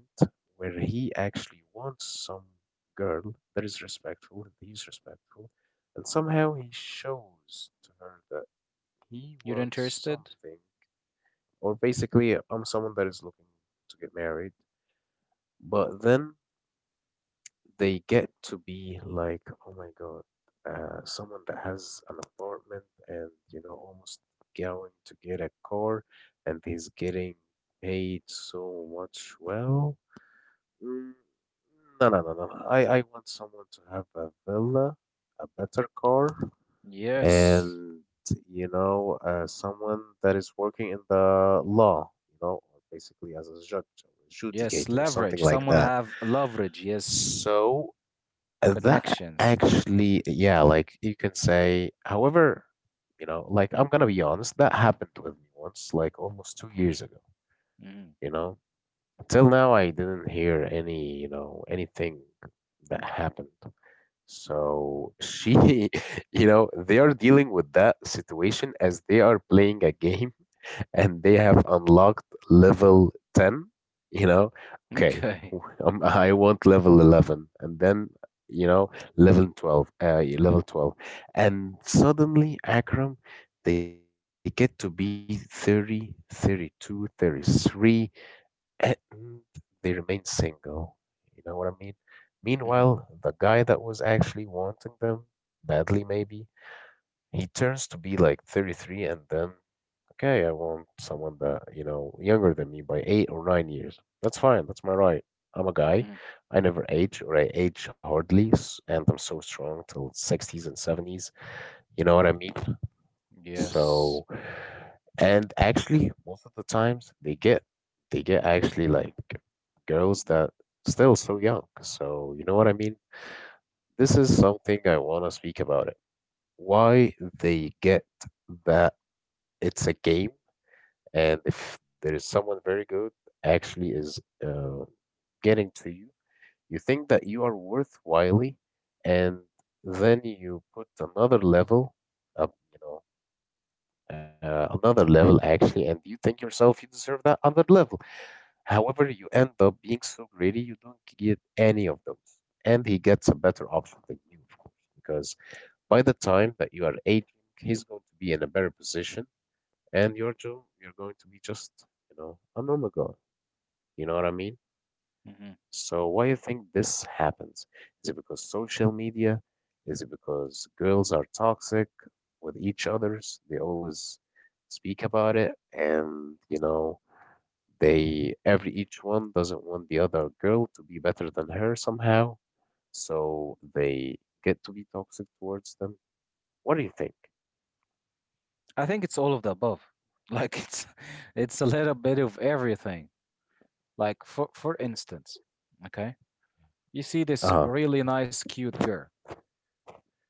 Speaker 2: where he actually wants some girl that is respectful and he's respectful, and somehow he shows to her that he
Speaker 1: You're
Speaker 2: wants
Speaker 1: interested?
Speaker 2: something or basically I'm someone that is looking to get married, but then they get to be like, oh my God, uh, someone that has an apartment and you know almost going to get a car and he's getting paid so much well. Mm, no, no, no, no, no. I, I want someone to have a villa, a better car,
Speaker 1: Yes.
Speaker 2: and you know, uh, someone that is working in the law, you know, or basically as a judge or
Speaker 1: Yes,
Speaker 2: adjudicator something
Speaker 1: leverage.
Speaker 2: like
Speaker 1: Someone
Speaker 2: that.
Speaker 1: have leverage. Yes,
Speaker 2: So uh, that
Speaker 1: connections.
Speaker 2: actually, yeah, like you can say, however, you know, like I'm gonna be honest, that happened with me once like almost two years ago.
Speaker 1: Mhm. (laughs)
Speaker 2: You know, till now I didn't hear any, you know, anything that happened. So she, (laughs) you know, they are dealing with that situation as they are playing a game (laughs) and they have unlocked level ten, you know, okay,
Speaker 1: Okay.
Speaker 2: (laughs) um, I want level eleven and then, you know, level twelve, uh, yeah, level twelve. And suddenly, Akram, they get to be thirty, thirty-two, thirty-three and they remain single. You know what I mean? Meanwhile,
Speaker 1: Hmm.
Speaker 2: the guy that was actually wanting them badly, maybe, he turns to be like thirty-three and then, okay, I want someone that, you know, younger than me by eight or nine years. That's fine. That's my right. I'm a guy.
Speaker 1: Hmm.
Speaker 2: I never age or I age hardly, s- and I'm so strong till sixties and seventies. You know what I mean?
Speaker 1: Yes.
Speaker 2: So, and actually, most of the times they get, they get actually like girls that still so young. So, you know what I mean? This is something I want to speak about it. Why they get that, it's a game, and if there is someone very good actually is uh, getting to you, you think that you are worthwhile, and then you put another level up, you know, uh, another level actually, and you think yourself you deserve that other level. However, you end up being so greedy, you don't get any of those, and he gets a better option than you, of course, because by the time that you are aging, he's going to be in a better position, and you're, jo- you're going to be just, you know, a normal guy. You know what I mean?
Speaker 1: Hmm.
Speaker 2: So why do you think this happens? Is it because social media? Is it because girls are toxic with each others? They always speak about it, and you know, they, every each one doesn't want the other girl to be better than her somehow, so they get to be toxic towards them. What do you think?
Speaker 1: I think it's all of the above. Like, it's (laughs) it's a little bit of everything. Like, for for instance, okay? You see this
Speaker 2: Uh-huh.
Speaker 1: really nice cute girl.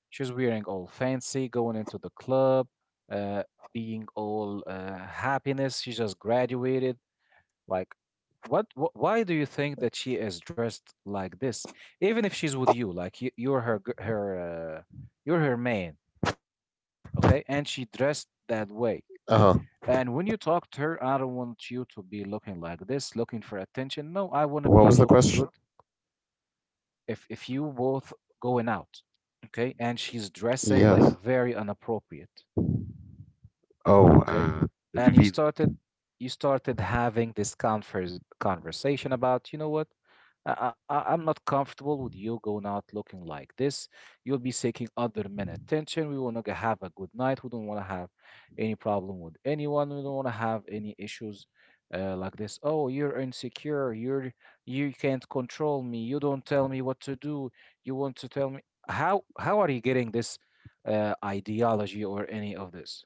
Speaker 1: She's wearing all fancy, going into the club, uh, being all uh, happiness. She just graduated. Like, what, wh- why do you think that she is dressed like this? Even if she's with you, like you, you're her gir- her uh, you're her man, okay? And she dressed that way.
Speaker 2: Uh-huh.
Speaker 1: And when you talk to her, I don't want you to be looking like this, looking for attention. No, I
Speaker 2: Okay,
Speaker 1: want
Speaker 2: what
Speaker 1: to
Speaker 2: was
Speaker 1: be
Speaker 2: the
Speaker 1: looking
Speaker 2: question?
Speaker 1: good. If if you both going out, okay, and she's dressing like
Speaker 2: Yes.
Speaker 1: very inappropriate.
Speaker 2: Oh,
Speaker 1: Okay.
Speaker 2: uh,
Speaker 1: And you
Speaker 2: revealing.
Speaker 1: started you started having this converse, conversation about, you know what? I, I, I- am not comfortable with you going out looking like this. You'll be seeking other men attention. We will not have a good night. We don't want to have any problem with anyone. We don't want to have any issues uh, like this. Oh, you're insecure. You're you can't control me. You don't tell me what to do. You want to tell me how how are you getting this uh, ideology or any of this?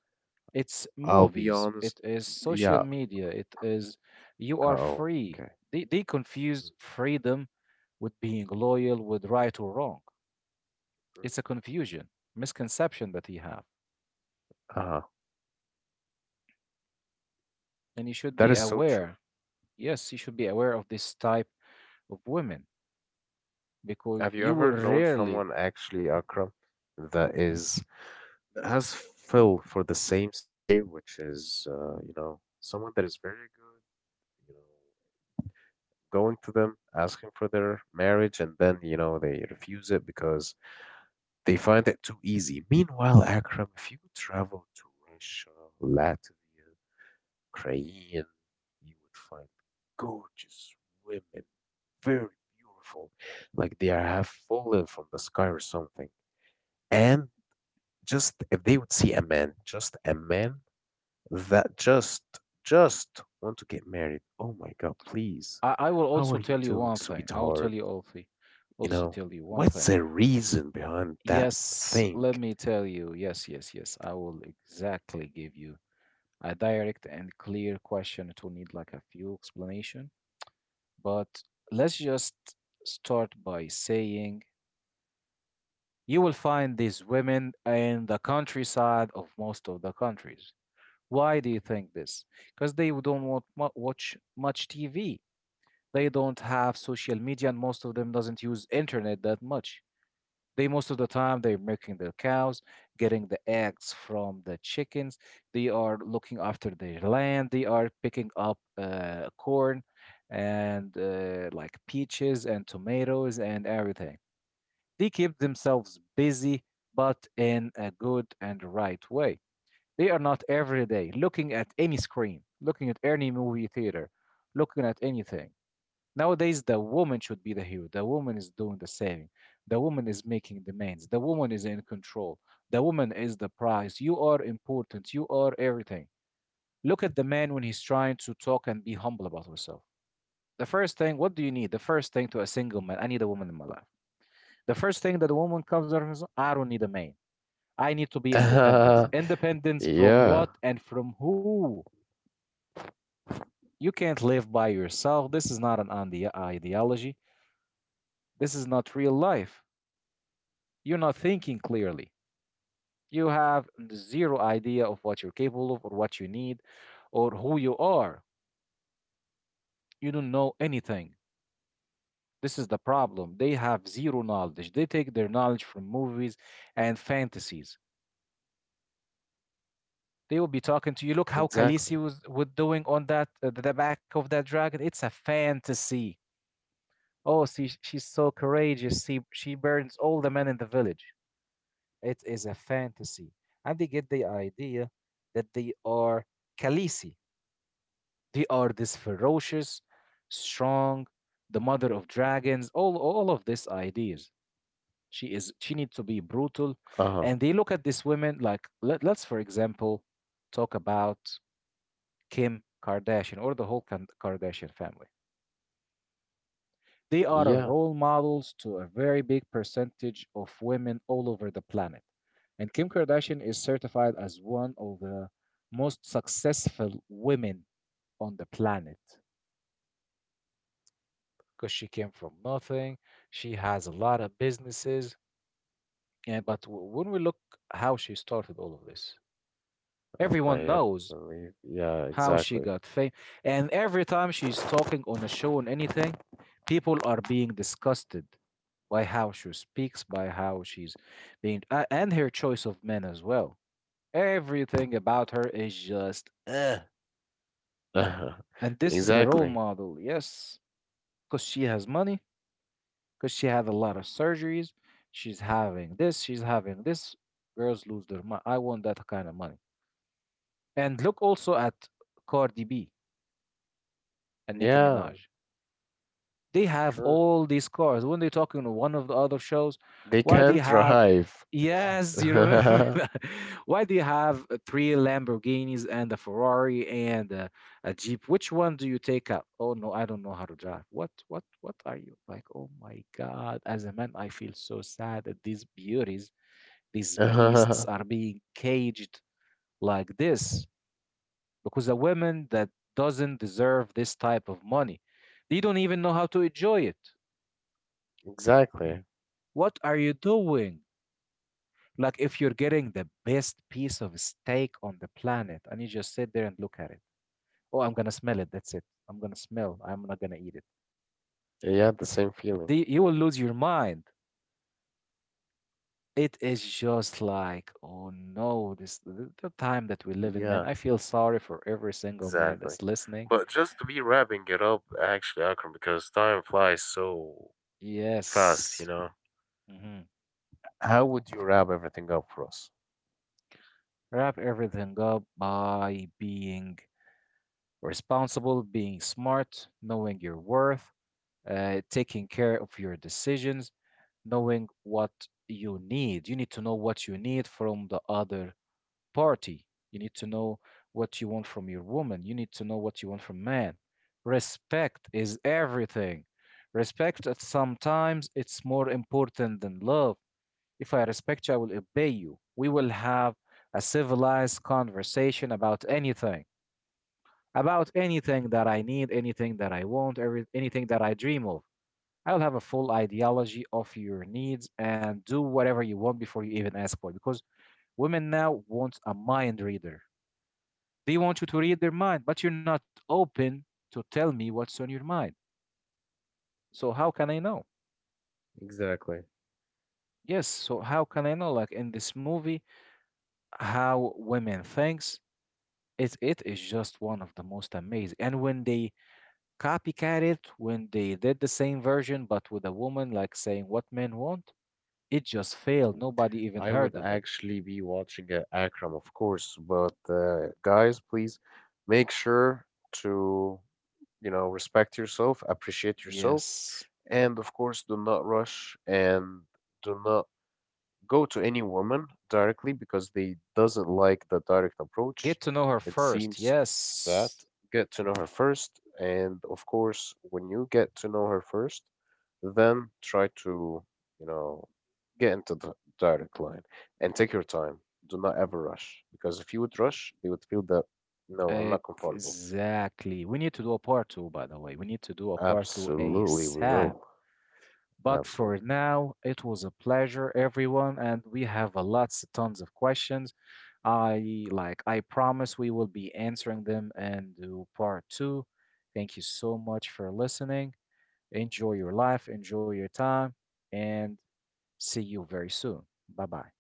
Speaker 1: It's
Speaker 2: I'll be
Speaker 1: movies,
Speaker 2: honest.
Speaker 1: it is social
Speaker 2: Yeah.
Speaker 1: media, it is you are
Speaker 2: Oh,
Speaker 1: free.
Speaker 2: okay.
Speaker 1: They, they confuse
Speaker 2: Mhm,
Speaker 1: freedom with being loyal, with right or wrong.
Speaker 2: mhm.
Speaker 1: It's a confusion, misconception that you have.
Speaker 2: Uh,
Speaker 1: And you should
Speaker 2: that
Speaker 1: be
Speaker 2: is so true.
Speaker 1: aware. Yes, you should be aware of this type of women because
Speaker 2: Have you
Speaker 1: you will
Speaker 2: ever known
Speaker 1: rarely.
Speaker 2: someone actually, Akram, that
Speaker 1: Mhm,
Speaker 2: is, that has Phil for the same scenario, which is, uh, you know, someone that is very good, you know, going to them asking for their marriage, and then you know they refuse it because they find it too easy. Meanwhile, Akram, if you would travel to Russia, Latvia, Ukraine, you would find gorgeous women, very beautiful, like they are have fallen from the sky or something. And just if they would see a man, just a man
Speaker 1: mhm.
Speaker 2: that just just want to get married. Oh my God, please.
Speaker 1: I, I will
Speaker 2: How
Speaker 1: also
Speaker 2: are you
Speaker 1: tell you
Speaker 2: doing,
Speaker 1: one thing. I will tell
Speaker 2: sweetheart?
Speaker 1: you also,
Speaker 2: You
Speaker 1: also
Speaker 2: know,
Speaker 1: tell you one
Speaker 2: what's
Speaker 1: thing.
Speaker 2: the reason behind that
Speaker 1: Yes,
Speaker 2: thing?
Speaker 1: let me tell you. Yes, yes, yes. I will exactly give you a direct and clear question. It will need like a few explanation, but let's just start by saying you will find these women in the countryside of most of the countries. Why do you think this? Because they don't want watch much T V. They don't have social media, and most of them doesn't use internet that much. They most of the time they're milking their cows, getting the eggs from the chickens. They are looking after their land. They are picking up uh, corn and uh, like peaches and tomatoes and everything. They keep themselves busy, but in a good and right way. They are not every day looking at any screen, looking at any movie theater, looking at anything. Nowadays, the woman should be the hero. The woman is doing the saving. The woman is making demands. The woman is in control. The woman is the prize. You are important. You are everything. Look at the man when he's trying to talk and be humble about himself. The first thing, what do you need? The first thing to a single man, I need a woman in my life. The first thing that a woman comes out is, I don't need a man. I need to be
Speaker 2: (laughs)
Speaker 1: independent. Independence from
Speaker 2: Yeah.
Speaker 1: what and from who? You can't live by yourself. This is not an ideology. This is not real life. You're not thinking clearly. You have zero idea of what you're capable of or what you need or who you are. You don't know anything. This is the problem. They have zero knowledge. They take their knowledge from movies and fantasies. They will be talking to you. Look
Speaker 2: Exactly.
Speaker 1: how Khaleesi was, was doing on that uh, the back of that dragon. It's a fantasy. Oh, see, she's so courageous. See, she burns all the men in the village. It is a fantasy, and they get the idea that they are Khaleesi. They are this ferocious, strong, the mother of dragons, all, all of these ideas. She is she needs to be brutal.
Speaker 2: Uh-huh.
Speaker 1: And they look at these women like let, let's for example talk about Kim Kardashian or the whole Kan- Kardashian family. They
Speaker 2: Yeah,
Speaker 1: are role models to a very big percentage of women all over the planet. And Kim Kardashian is certified as one of the most successful women on the planet, because she came from nothing. She has a lot of businesses. Yeah, but w- when we look how she started all of this,
Speaker 2: um,
Speaker 1: everyone
Speaker 2: I uh,
Speaker 1: knows
Speaker 2: believe. Yeah,
Speaker 1: how she
Speaker 2: exactly.
Speaker 1: got fame. And every time she's talking on a show on anything, people are being disgusted by how she speaks, by how she's being, uh, and her choice of men as well. Everything about her is just, ugh. And
Speaker 2: (laughs)
Speaker 1: this is the role
Speaker 2: Exactly.
Speaker 1: model, yes, because she has money, because she had a lot of surgeries. She's having this, she's having this. Girls lose their money. I want that kind of money. And look also at Cardi B and Nicki
Speaker 2: Yeah,
Speaker 1: Minaj. They have
Speaker 2: sure.
Speaker 1: all these cars. When they talk in one of the other shows,
Speaker 2: They
Speaker 1: why do
Speaker 2: can
Speaker 1: you
Speaker 2: not
Speaker 1: have
Speaker 2: drive.
Speaker 1: Yes, you remember (laughs)
Speaker 2: (laughs)
Speaker 1: that. Why do you have uh, three Lamborghinis and a Ferrari and a, a Jeep? Which one do you take out? Oh no, I don't know how to drive. What, what, what are you like? Oh my God! As a man, I feel so sad that these beauties, these beasts, are being caged like this because a woman that doesn't deserve this type of money, they don't even know how to enjoy it.
Speaker 2: Exactly.
Speaker 1: What are you doing? Like, if you're getting the best piece of steak on the planet and you just sit there and look at it, oh, I'm gonna smell it. That's it. I'm gonna smell. I'm not gonna eat it.
Speaker 2: Yeah, the same feeling.
Speaker 1: The, you will lose your mind. It is just like, oh no, this the, the time that we live in, man.
Speaker 2: Yeah.
Speaker 1: I feel sorry for every single man
Speaker 2: Exactly.
Speaker 1: that's listening.
Speaker 2: But just to be wrapping it up, actually, Akram, because time flies so fast,
Speaker 1: Yes.
Speaker 2: you know.
Speaker 1: Hmm.
Speaker 2: How would you wrap everything up for us?
Speaker 1: Wrap everything up by being responsible, being smart, knowing your worth, uh, taking care of your decisions, knowing what you need. You need to know what you need from the other party. You need to know what you want from your woman. You need to know what you want from man. Respect is everything. Respect at sometimes it's more important than love. If I respect you, I will obey you. We will have a civilized conversation about anything, about anything that I need, anything that I want, every, anything that I dream of. I'll have a full ideology of your needs and do whatever you want before you even ask for it. Because women now want a mind reader. They want you to read their mind, but you're not open to tell me what's on your mind. So how can I know?
Speaker 2: Exactly.
Speaker 1: Yes, so how can I know? Like in this movie, how women thinks it it is just one of the most amazing. And when they copycat it, when they did the same version but with a woman like saying what men want, it just failed.
Speaker 2: Mm.
Speaker 1: Nobody even
Speaker 2: I would
Speaker 1: heard of it.
Speaker 2: actually be watching uh, Akram, of course, but uh, guys, please make sure to, you know, respect yourself, appreciate yourself,
Speaker 1: Yes.
Speaker 2: and of course, do not rush and do not go to any woman directly because they doesn't like the direct approach.
Speaker 1: Get to know her
Speaker 2: It
Speaker 1: first.
Speaker 2: seems that
Speaker 1: Yes.
Speaker 2: get to know her first, and of course, when you get to know her first, then try to, you know, get into the direct line and take your time. Do not ever rush because if you would rush, they would feel that no, I'm not comfortable.
Speaker 1: Exactly. We need to do a part two, by the way. We need to do a part two
Speaker 2: Absolutely, we
Speaker 1: A S A P.
Speaker 2: will.
Speaker 1: But for
Speaker 2: Absolutely.
Speaker 1: now, it was a pleasure, everyone, and we have a lots, tons of questions. I like, I promise we will be answering them and do part two. Thank you so much for listening. Enjoy your life, enjoy your time, and see you very soon. Bye bye.